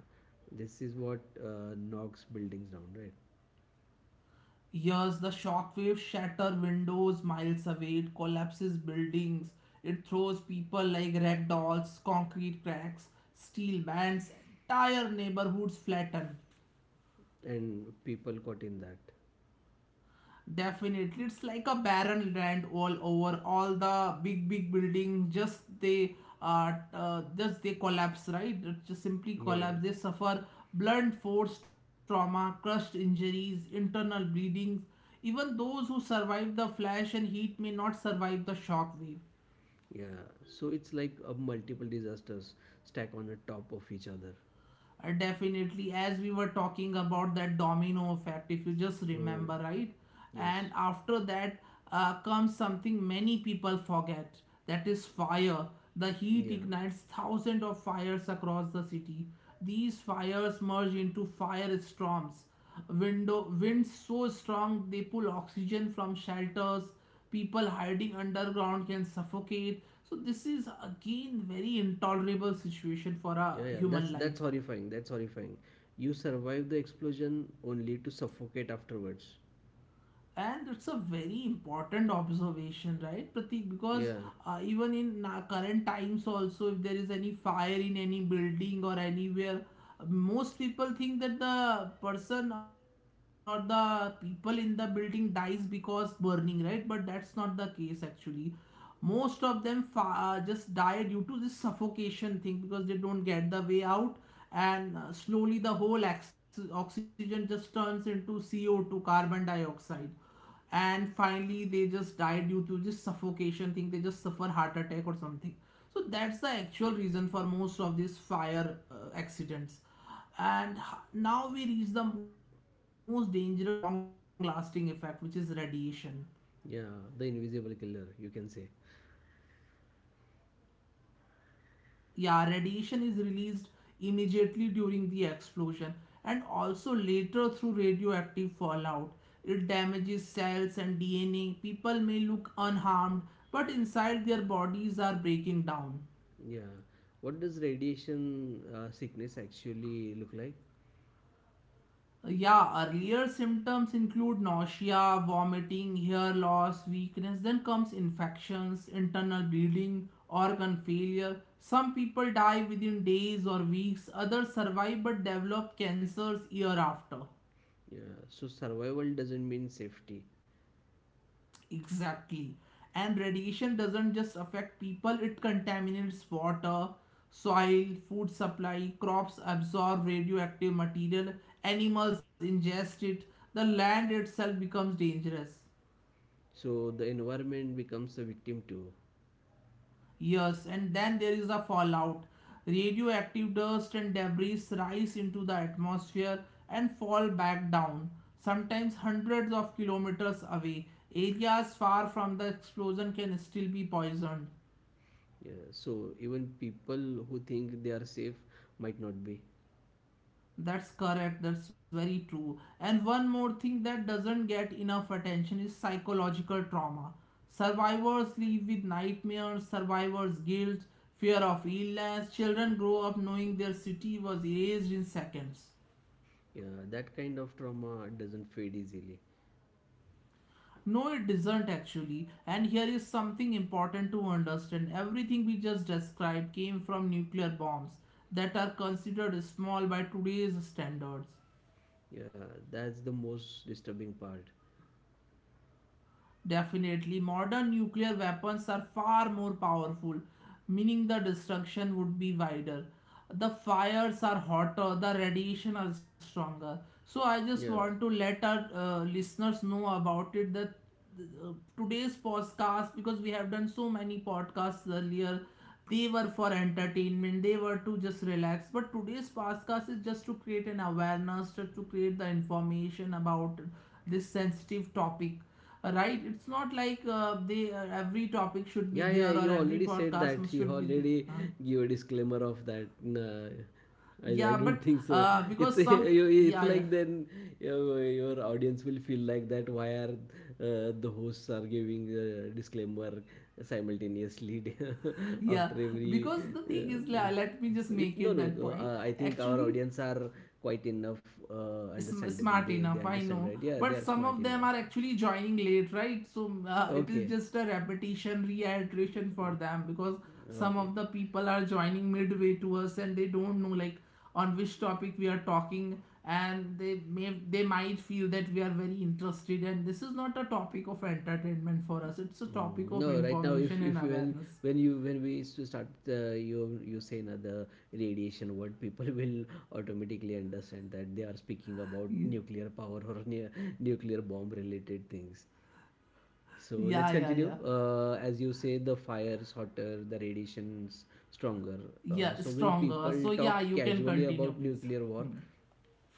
B: This is what knocks buildings down, right?
A: Yes, the shockwave shatter windows miles away, it collapses buildings, it throws people like rag dolls, concrete cracks, steel bands, entire neighborhoods flatten.
B: And people caught in that.
A: Definitely, it's like a barren land all over. All the big, big building, just they collapse, right? It just simply
B: Yeah,
A: collapse.
B: yeah,
A: They suffer blunt force trauma, crushed injuries, internal bleedings. Even those who survive the flash and heat may not survive the shock wave.
B: yeah. So it's like a multiple disasters stack on the top of each other.
A: Definitely, as we were talking about that domino effect, if you just
B: Mm,
A: remember, right? And
B: yes.
A: after that, comes something many people forget, that is fire. The heat
B: Yeah.
A: ignites thousands of fires across the city. These fires merge into firestorms. Window winds so strong they pull oxygen from shelters. People hiding underground can suffocate. So this is again very intolerable situation for
B: Yeah,
A: a
B: yeah. That's
A: human
B: that's
A: life.
B: horrifying. That's horrifying. You survive the explosion only to suffocate afterwards.
A: And it's a very important observation, right, Pratik? Because
B: Yeah.
A: even in current times also, if there is any fire in any building or anywhere, most people think that the person or the people in the building dies because burning, right? But that's not the case actually. Most of them just die due to this suffocation thing, because they don't get the way out. And slowly the whole oxygen just turns into CO2, carbon dioxide. And finally, they just die due to this suffocation thing. They just suffer heart attack or something. So that's the actual reason for most of these fire accidents. And now we reach the most dangerous and long lasting effect, which is radiation.
B: Yeah. The invisible killer, you can say.
A: Yeah, radiation is released immediately during the explosion, and also later through radioactive fallout. It damages cells and DNA. People may look unharmed, but inside their bodies are breaking down.
B: Yeah. What does radiation sickness actually look like?
A: Yeah, earlier symptoms include nausea, vomiting, hair loss, weakness, then comes infections, internal bleeding, organ failure. Some people die within days or weeks, others survive but develop cancers year after.
B: Yeah. So survival doesn't mean safety.
A: Exactly. And radiation doesn't just affect people, it contaminates water, soil, food supply, crops absorb radioactive material, animals ingest it, the land itself becomes dangerous.
B: So the environment becomes a victim too.
A: Yes, and then there is a fallout. Radioactive dust and debris rise into the atmosphere and fall back down, sometimes hundreds of kilometers away. Areas far from the explosion can still be poisoned.
B: Yeah, so even people who think they are safe might not be.
A: That's correct. That's very true. And one more thing that doesn't get enough attention is psychological trauma. Survivors live with nightmares, survivors' guilt, fear of illness. Children grow up knowing their city was erased in seconds.
B: Yeah, that kind of trauma doesn't fade easily.
A: No, it doesn't actually. And here is something important to understand. Everything we just described came from nuclear bombs that are considered small by today's standards.
B: Yeah, that's the most disturbing part.
A: Definitely, modern nuclear weapons are far more powerful, meaning the destruction would be wider. The fires are hotter, the radiation are stronger. So, I just
B: Yeah.
A: want to let our listeners know about it that uh, today's podcast, because we have done so many podcasts earlier, they were for entertainment, they were to just relax. But today's podcast is just to create an awareness, just to create the information about this sensitive topic. Right, it's not like they every topic should
B: Yeah,
A: be
B: yeah, yeah,
A: there, or
B: you
A: every
B: already said that. You
A: should be there,
B: already
A: huh?
B: give a disclaimer of that. Nah, I
A: Yeah,
B: don't
A: but
B: think so. It's
A: because some,
B: it's
A: yeah, yeah,
B: like then your audience will feel like that. Why are the hosts are giving a disclaimer simultaneously
A: yeah,
B: after every
A: because the thing is,
B: point?
A: let me just
B: So it's
A: make
B: no,
A: it
B: no,
A: that
B: no.
A: point.
B: I think our
A: Actually,
B: audience are quite enough understandable.
A: smart
B: They
A: enough, I know,
B: understand, right? Yeah, they
A: but
B: are
A: some
B: smart
A: of them
B: enough.
A: are actually joining late, right? So it is
B: Okay,
A: just a repetition, reiteration for them, because some
B: okay.
A: of the people are joining midway to us, and they don't know, like, on which topic we are talking, and they might feel that we are very interested, and this is not a topic of entertainment for us, it's a
B: Mm.
A: topic of
B: No, right now, if
A: information and
B: if you
A: awareness.
B: when you when we used to start you say another radiation word, people will automatically understand that they are speaking about
A: Yeah,
B: nuclear power or nuclear bomb related things. So let's
A: yeah, yeah,
B: continue.
A: yeah,
B: As you say, the fire's hotter, the radiation's stronger.
A: yeah,
B: So when
A: stronger,
B: people
A: so yeah,
B: talk
A: you can
B: casually
A: continue
B: about
A: please.
B: nuclear war,
A: Hmm.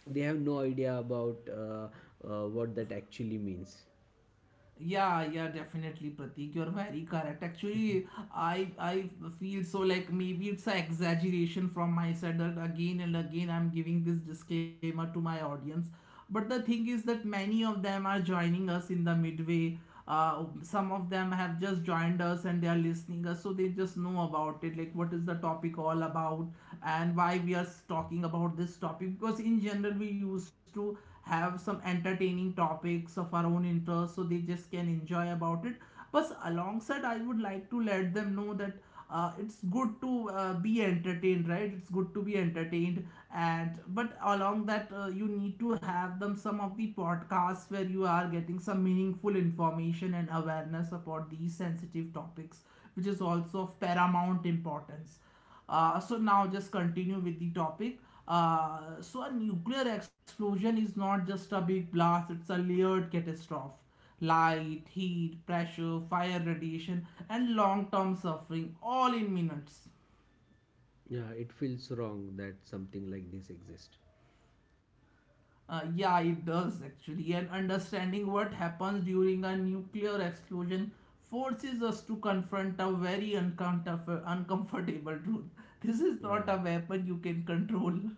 B: they have no idea about what that actually means.
A: Yeah, yeah, definitely, Pratik. You're very correct. Actually, I feel so, like maybe it's an exaggeration from my side that again and again I'm giving this disclaimer to my audience. But the thing is that many of them are joining us in the midway. Some of them have just joined us and they are listening us, so they just know about it, like what is the topic all about, and why we are talking about this topic. Because in general, we used to have some entertaining topics of our own interest, so they just can enjoy about it. But alongside, I would like to let them know that it's good to be entertained, right, it's good to be entertained. And but along that, you need to have them some of the podcasts where you are getting some meaningful information and awareness about these sensitive topics, which is also of paramount importance. So now just continue with the topic. So a nuclear explosion is not just a big blast; it's a layered catastrophe. Light, heat, pressure, fire, radiation, and long-term suffering, all in minutes.
B: Yeah, it feels wrong that something like this exists.
A: Yeah, it does actually. And understanding what happens during a nuclear explosion forces us to confront a very uncomfortable truth. This is not
B: Yeah,
A: a weapon you can control.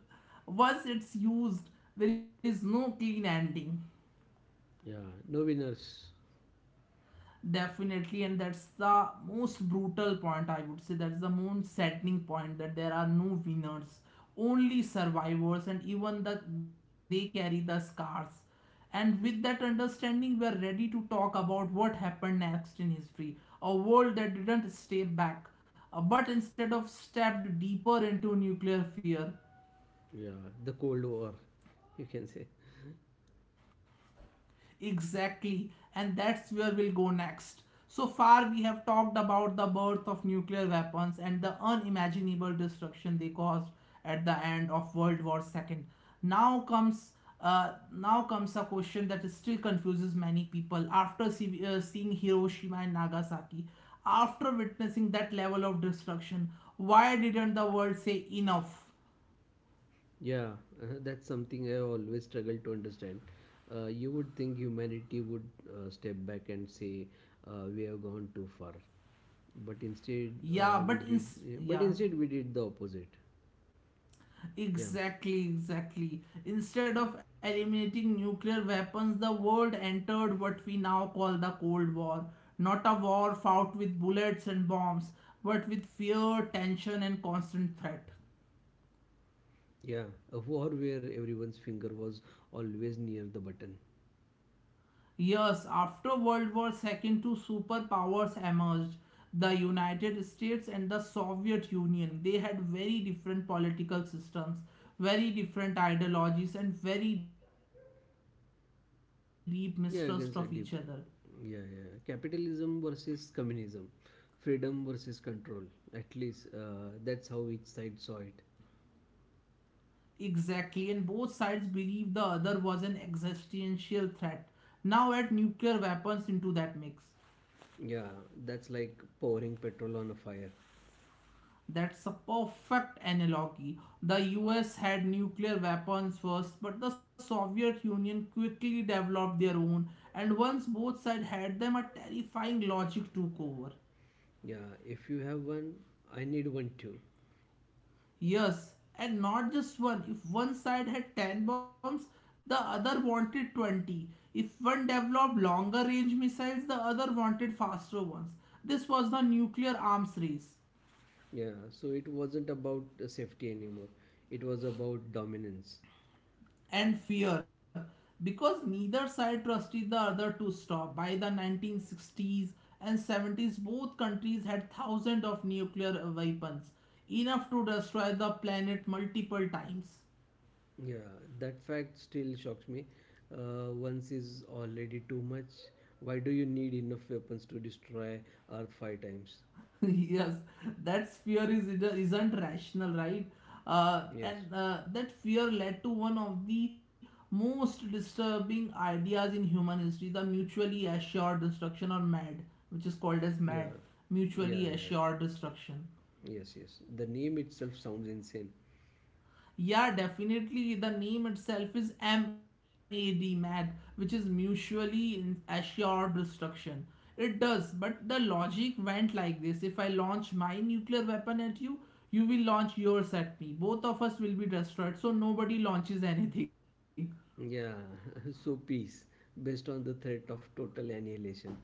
A: Once it's used, there is no clean ending.
B: yeah. No winners.
A: Definitely, and that's the most brutal point, I would say, that's the most saddening point, that there are no winners, only survivors, and even they carry the scars. And with that understanding, we are ready to talk about what happened next in history, a world that didn't stay back, but instead of stepped deeper into nuclear fear.
B: Yeah, the Cold War, you can say.
A: Exactly, and that's where we'll go next. So far, we have talked about the birth of nuclear weapons and the unimaginable destruction they caused at the end of World War II. Now comes, now comes a question that still confuses many people, after seeing Hiroshima and Nagasaki, after witnessing that level of destruction. Why didn't the world say enough?
B: Yeah, that's something I always struggle to understand. You would think humanity would step back and say, we have gone too far. But instead,
A: Yeah,
B: we
A: but in
B: did. But
A: yeah.
B: instead, we did the opposite. Yeah,
A: Exactly, exactly. Instead of eliminating nuclear weapons, the world entered what we now call the Cold War. Not a war fought with bullets and bombs, but with fear, tension, and constant threat.
B: yeah. A war where everyone's finger was always near the button.
A: Yes, after World War II, two superpowers emerged, the United States and the Soviet Union. They had very different political systems, very different ideologies, and very deep mistrust of each other.
B: Yeah, I can say deep. Yeah, yeah. Capitalism versus communism, freedom versus control. At least that's how each side saw it.
A: Exactly, and both sides believed the other was an existential threat. Now add nuclear weapons into that mix.
B: Yeah, that's like pouring petrol on a fire.
A: That's a perfect analogy. The US had nuclear weapons first, but the Soviet Union quickly developed their own, and once both sides had them, a terrifying logic took over.
B: Yeah, if you have one, I need one too.
A: Yes, and not just one. If one side had 10 bombs, the other wanted 20. If one developed longer range missiles, the other wanted faster ones. This was the nuclear arms race.
B: Yeah, so it wasn't about safety anymore. It was about dominance.
A: And fear, because neither side trusted the other to stop. By the 1960s and 70s, both countries had thousands of nuclear weapons, enough to destroy the planet multiple times.
B: Yeah, that fact still shocks me. Once is already too much. Why do you need enough weapons to destroy Earth five times?
A: Yes, that fear is, it isn't rational, right?
B: Yes.
A: And That fear led to one of the most disturbing ideas in human history, the mutually assured destruction, or MAD, which is called as MAD,
B: Yeah, yeah,
A: mutually
B: yeah.
A: assured destruction.
B: Yes, yes. The name itself sounds insane.
A: Yeah, definitely. The name itself is MAD, MAD, which is mutually assured destruction. It does, but the logic went like this, if I launch my nuclear weapon at you, you will launch yours at me. Both of us will be destroyed, so nobody launches anything.
B: Yeah, so peace, based on the threat of total annihilation.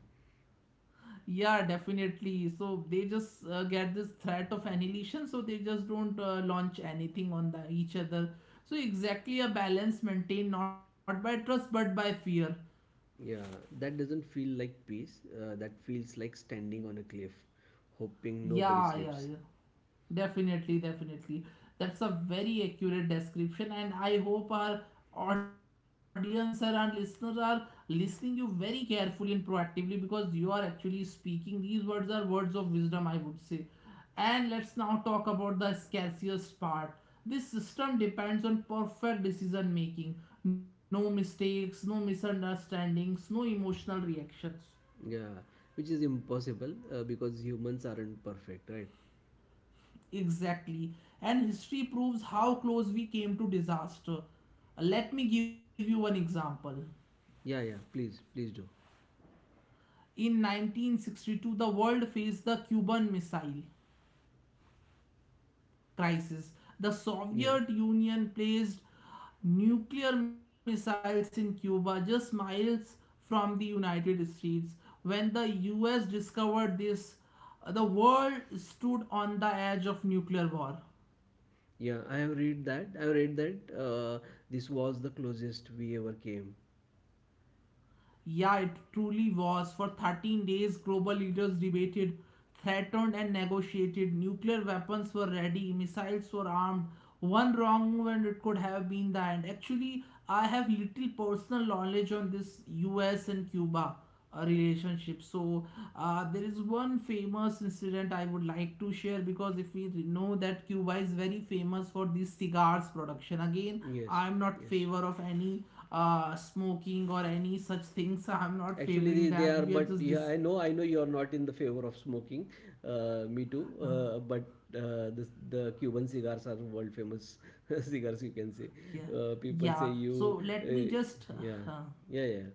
A: Yeah, definitely. So they just get this threat of annihilation, so they just don't launch anything on each other. So exactly, a balance maintained not by trust but by fear.
B: Yeah, that doesn't feel like peace. That feels like standing on a cliff, hoping nobody
A: Yeah, yeah,
B: sleeps.
A: yeah. Definitely, definitely. That's a very accurate description, and I hope our audience and our listeners are listening you very carefully and proactively, because you are actually speaking. These words are words of wisdom, I would say. And let's now talk about the scarcest part. This system depends on perfect decision making. No mistakes, no misunderstandings, no emotional reactions.
B: Yeah, which is impossible because humans aren't perfect, right?
A: Exactly. And history proves how close we came to disaster. Let me give you an example.
B: Yeah, yeah. Please, please do.
A: In 1962, the world faced the Cuban Missile Crisis. The
B: Yeah,
A: Soviet Union placed nuclear missiles in Cuba, just miles from the United States. When the US discovered this, the world stood on the edge of nuclear war.
B: yeah. I have read that. I have read that. This was the closest we ever came.
A: Yeah, it truly was. For 13 days, global leaders debated, threatened, and negotiated. Nuclear weapons were ready, missiles were armed. One wrong move, and it could have been the end. Actually, I have little personal knowledge on this US and Cuba a relationship, so there is one famous incident I would like to share because if we know that Cuba is very famous for these cigars production. Again, I
B: Yes,
A: am not
B: yes.
A: favor of any smoking or any such things. I'm not
B: Actually,
A: favoring
B: they
A: them,
B: are,
A: we are
B: but
A: just
B: yeah, I know you are not in the favor of smoking. Me too.
A: uh,
B: But The Cuban cigars are world famous cigars. You can say,
A: yeah,
B: people say
A: yeah so
B: you,
A: let
B: uh,
A: me just
B: yeah,
A: uh,
B: yeah, yeah,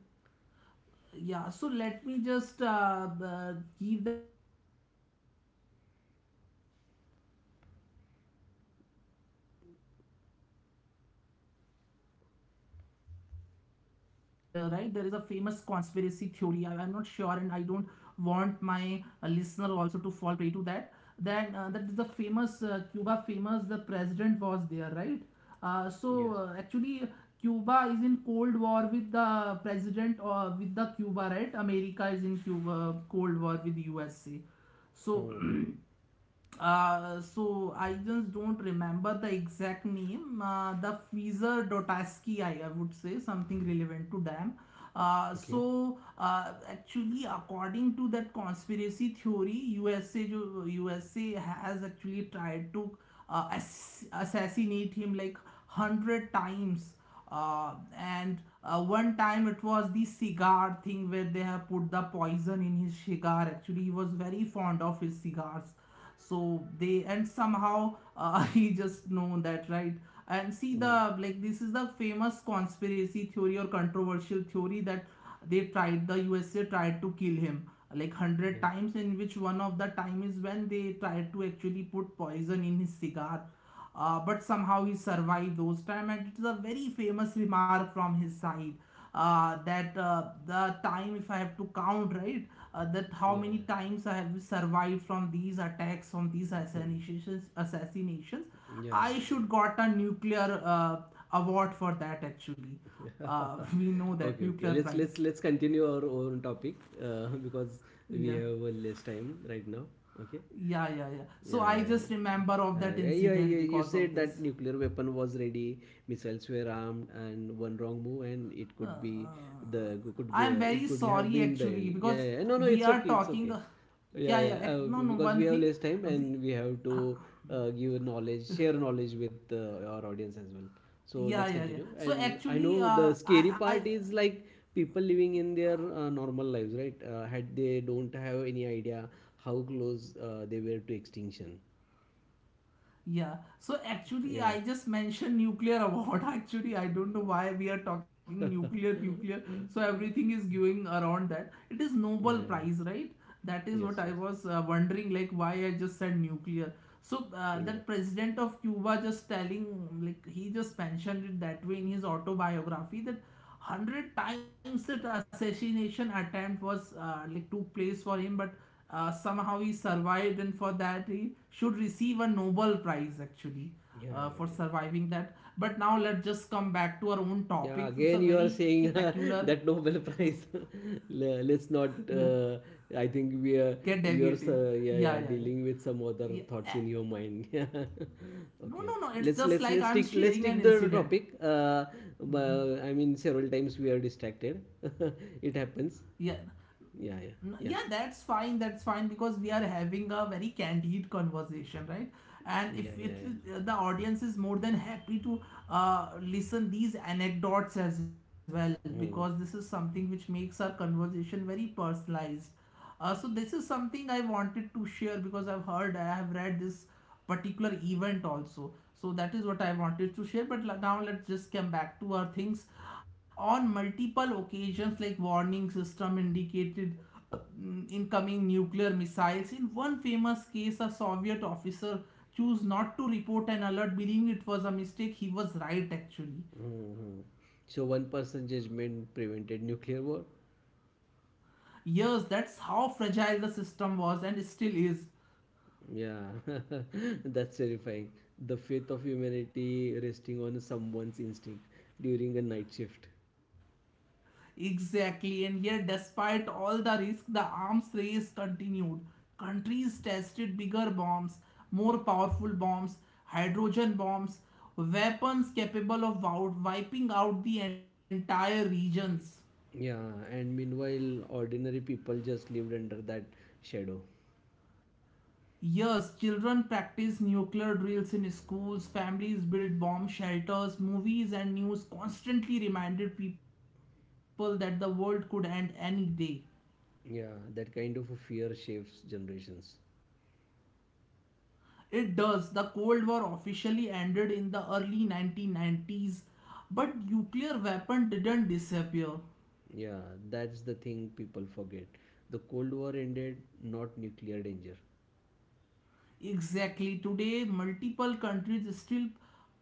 A: yeah, so let me just give that incident of Cuba, right? There is a famous mm, this thing right, there is a famous conspiracy theory. I'm not sure, and I don't want my listener also to fall prey to that. Then that is a famous Cuba famous, the president was there, right?
B: yes.
A: Actually, Cuba is in Cold War with the president or with the Cuba, right? America is in Cuba Cold War with USA. So
B: Oh,
A: So I just don't remember the exact name. The Fizer Dotaski, I would say something relevant to them.
B: okay.
A: Actually, according to that conspiracy theory, USA has actually tried to assassinate him like hundred times. And One time it was the cigar thing where they have put the poison in his cigar. Actually, he was very fond of his cigars, so they and somehow he just know that, right? And see
B: Oh,
A: the like this is the famous conspiracy theory or controversial theory that the USA tried to kill him like
B: yeah,
A: 100 times, in which one of the time is when they tried to actually put poison in his cigar. But somehow he survived those time, and it's a very famous remark from his side, that the time if I have to count, right, that
B: yeah,
A: how
B: yeah,
A: many times I have survived from these attacks, from these assassinations, assassinations.
B: yeah, yeah,
A: I
B: yeah.
A: should got a nuclear award for that, actually. We know that
B: Okay,
A: nuclear
B: okay,
A: prize.
B: let's continue our own topic because we
A: Yeah,
B: have less time right now. Okay.
A: yeah, yeah, yeah. So
B: Yeah,
A: I
B: yeah,
A: just
B: yeah.
A: remember of that
B: Yeah, yeah, yeah,
A: incident
B: you
A: because of
B: said that
A: this.
B: nuclear weapon was ready, missiles were armed, and one wrong move, and it
A: Uh,
B: could be
A: uh, I'm very
B: it could have
A: sorry,
B: been the
A: actually,
B: end. Yeah,
A: because
B: yeah, no, no,
A: we
B: it's
A: are
B: okay, it's
A: talking.
B: okay. Yeah,
A: Yeah,
B: yeah,
A: yeah. No, no.
B: because we
A: One
B: have
A: thing.
B: less time
A: We,
B: and we have to give knowledge, share knowledge with our audience as well. So
A: yeah,
B: let's
A: yeah, yeah.
B: continue,
A: So
B: and I
A: actually,
B: know the scary part is like people living in their normal lives, right? Had they don't have any idea how close they were to extinction.
A: yeah. So actually, I
B: Yeah.
A: just mentioned nuclear award. Actually, I don't know why we are talking nuclear, nuclear. So
B: Yeah,
A: everything is going around that. It is Nobel
B: yeah.
A: Prize, right? That is what I
B: Yes, yes.
A: was wondering, like why I just said nuclear. So
B: Yeah,
A: that president of Cuba just telling, like he just mentioned it that way in his autobiography that hundred times that assassination attempt was like took place for him, but somehow he survived, and for that he should receive a Nobel Prize, actually,
B: yeah,
A: for
B: yeah, yeah.
A: surviving that. But now let's just come back to our own
B: Yeah,
A: topics. It's a
B: again, you are
A: very
B: saying
A: peculiar
B: that Nobel Prize. Let's not.
A: yeah,
B: I think we are.
A: get
B: You're
A: deviated,
B: yeah,
A: yeah,
B: yeah,
A: yeah, yeah,
B: dealing with some other
A: yeah.
B: thoughts in your mind. Okay,
A: No,
B: okay.
A: no, no, it's just like
B: Let's
A: I'm
B: stick, let's
A: sharing
B: stick
A: an
B: the
A: incident.
B: topic. I
A: Hmm.
B: mean, several times we are distracted. It happens.
A: Yeah.
B: Yeah, yeah,
A: Yeah,
B: yeah,
A: that's fine. That's fine because we are having a very candid conversation, right? And
B: yeah,
A: if
B: yeah,
A: it
B: yeah.
A: the audience is more than happy to listen these anecdotes as well, because
B: Mm,
A: this is something which makes our conversation very personalized. So this is something I wanted to share because I've heard I have read this particular event also. So that is what I wanted to share. But now let's just come back to our things. On multiple occasions, like warning system indicated incoming nuclear missiles. In one famous case, a Soviet officer chose not to report an alert, believing it was a mistake. He was right, actually.
B: mm, mm. So one person judgment prevented nuclear war.
A: Yes, that's how fragile the system was and still is.
B: Yeah, that's terrifying. The faith of humanity resting on someone's instinct during a night shift.
A: Exactly, and yet, despite all the risk, the arms race continued. Countries tested bigger bombs, more powerful bombs, hydrogen bombs, weapons capable of wiping out the entire regions.
B: Yeah, and meanwhile, ordinary people just lived under that shadow.
A: Yes, children practice nuclear drills in schools, families build bomb shelters, movies and news constantly reminded people that the world could end any day.
B: Yeah, that kind of a fear shapes generations.
A: It does. The Cold War officially ended in the early 1990s, but nuclear weapon didn't disappear.
B: Yeah, that's the thing people forget. The Cold War ended, not nuclear danger.
A: Exactly. Today, multiple countries still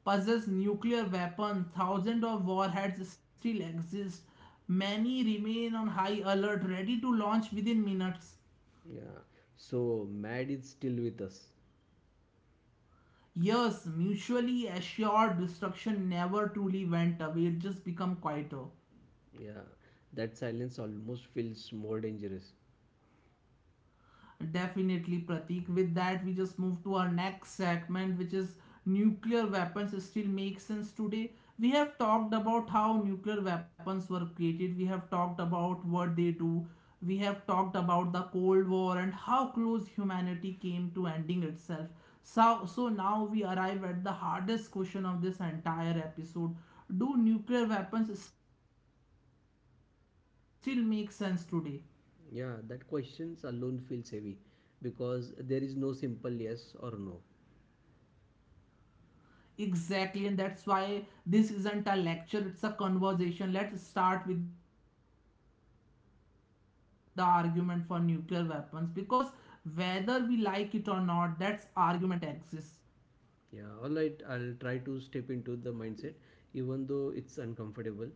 A: possess nuclear weapons. Thousands of warheads still exist. Many remain on high alert, ready to launch within minutes.
B: Yeah, so mad is still with us.
A: Yes, mutually assured destruction never truly went away. It just became quieter.
B: Yeah, that silence almost feels more dangerous.
A: Definitely, Pratik. With that, we just move to our next segment, which is nuclear weapons still make sense today. We have talked about how nuclear weapons were created, we have talked about what they do, we have talked about the Cold War and how close humanity came to ending itself. So now we arrive at the hardest question of this entire episode. Do nuclear weapons still make sense today?
B: Yeah, that questions alone feels heavy because there is no simple yes or no.
A: Exactly, and that's why this isn't a lecture, it's a conversation. Let's start with the argument for nuclear weapons, because whether we like it or not, that's argument exists.
B: Yeah, all right, I'll try to step into the mindset even though it's uncomfortable.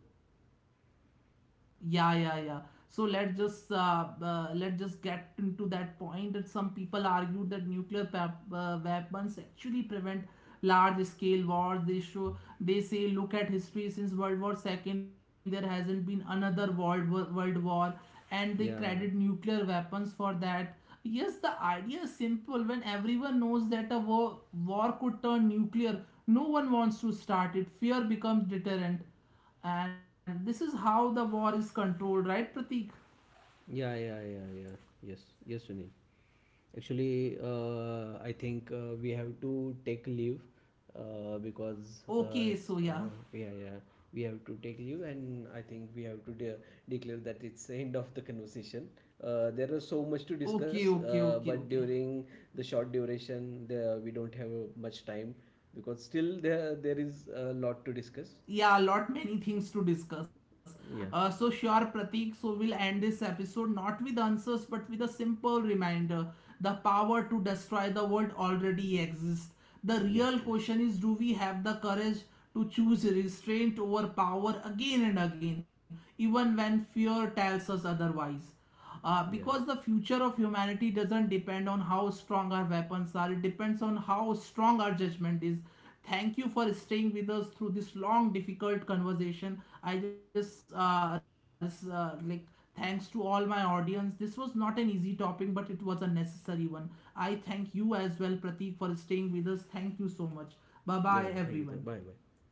A: Yeah, yeah, yeah. So let's just get into that point that some people argued that weapons actually prevent large-scale wars. They show they say look at history, since World War Second there hasn't been another world war, and they
B: Yeah.
A: credit nuclear weapons for that. Yes, the idea is simple. When everyone knows that a war could turn nuclear, no one wants to start it. Fear becomes deterrent, and this is how the war is controlled, right, Pratik?
B: Yeah, yeah, yeah, yeah. Yes, yes, Sunil. Actually, I think we have to take leave because
A: Okay, so yeah.
B: yeah, yeah, we have to take leave, and I think we have to declare that it's the end of the conversation. There is so much to
A: Okay,
B: discuss,
A: okay, okay,
B: but
A: okay.
B: during the short duration, we don't have much time because still there is a lot to discuss.
A: Yeah, a lot many things to discuss. So
B: Yeah.
A: sure, Pratik. So we'll end this episode not with answers, but with a simple reminder: the power to destroy the world already exists. The real
B: Yes. Yes.
A: question is: do we have the courage to choose restraint over power again and again, even when fear tells us otherwise? Because the
B: Yes.
A: future of humanity doesn't depend on how strong our weapons are, it depends on how strong our judgment is. Thank you for staying with us through this long, difficult conversation. I just like thanks to all my audience. This was not an easy topic, but it was a necessary one. I thank you as well, Pratik, for staying with us. Thank you so much. Bye
B: Yeah,
A: bye,
B: yeah, thank you.
A: everyone.
B: Bye. Bye.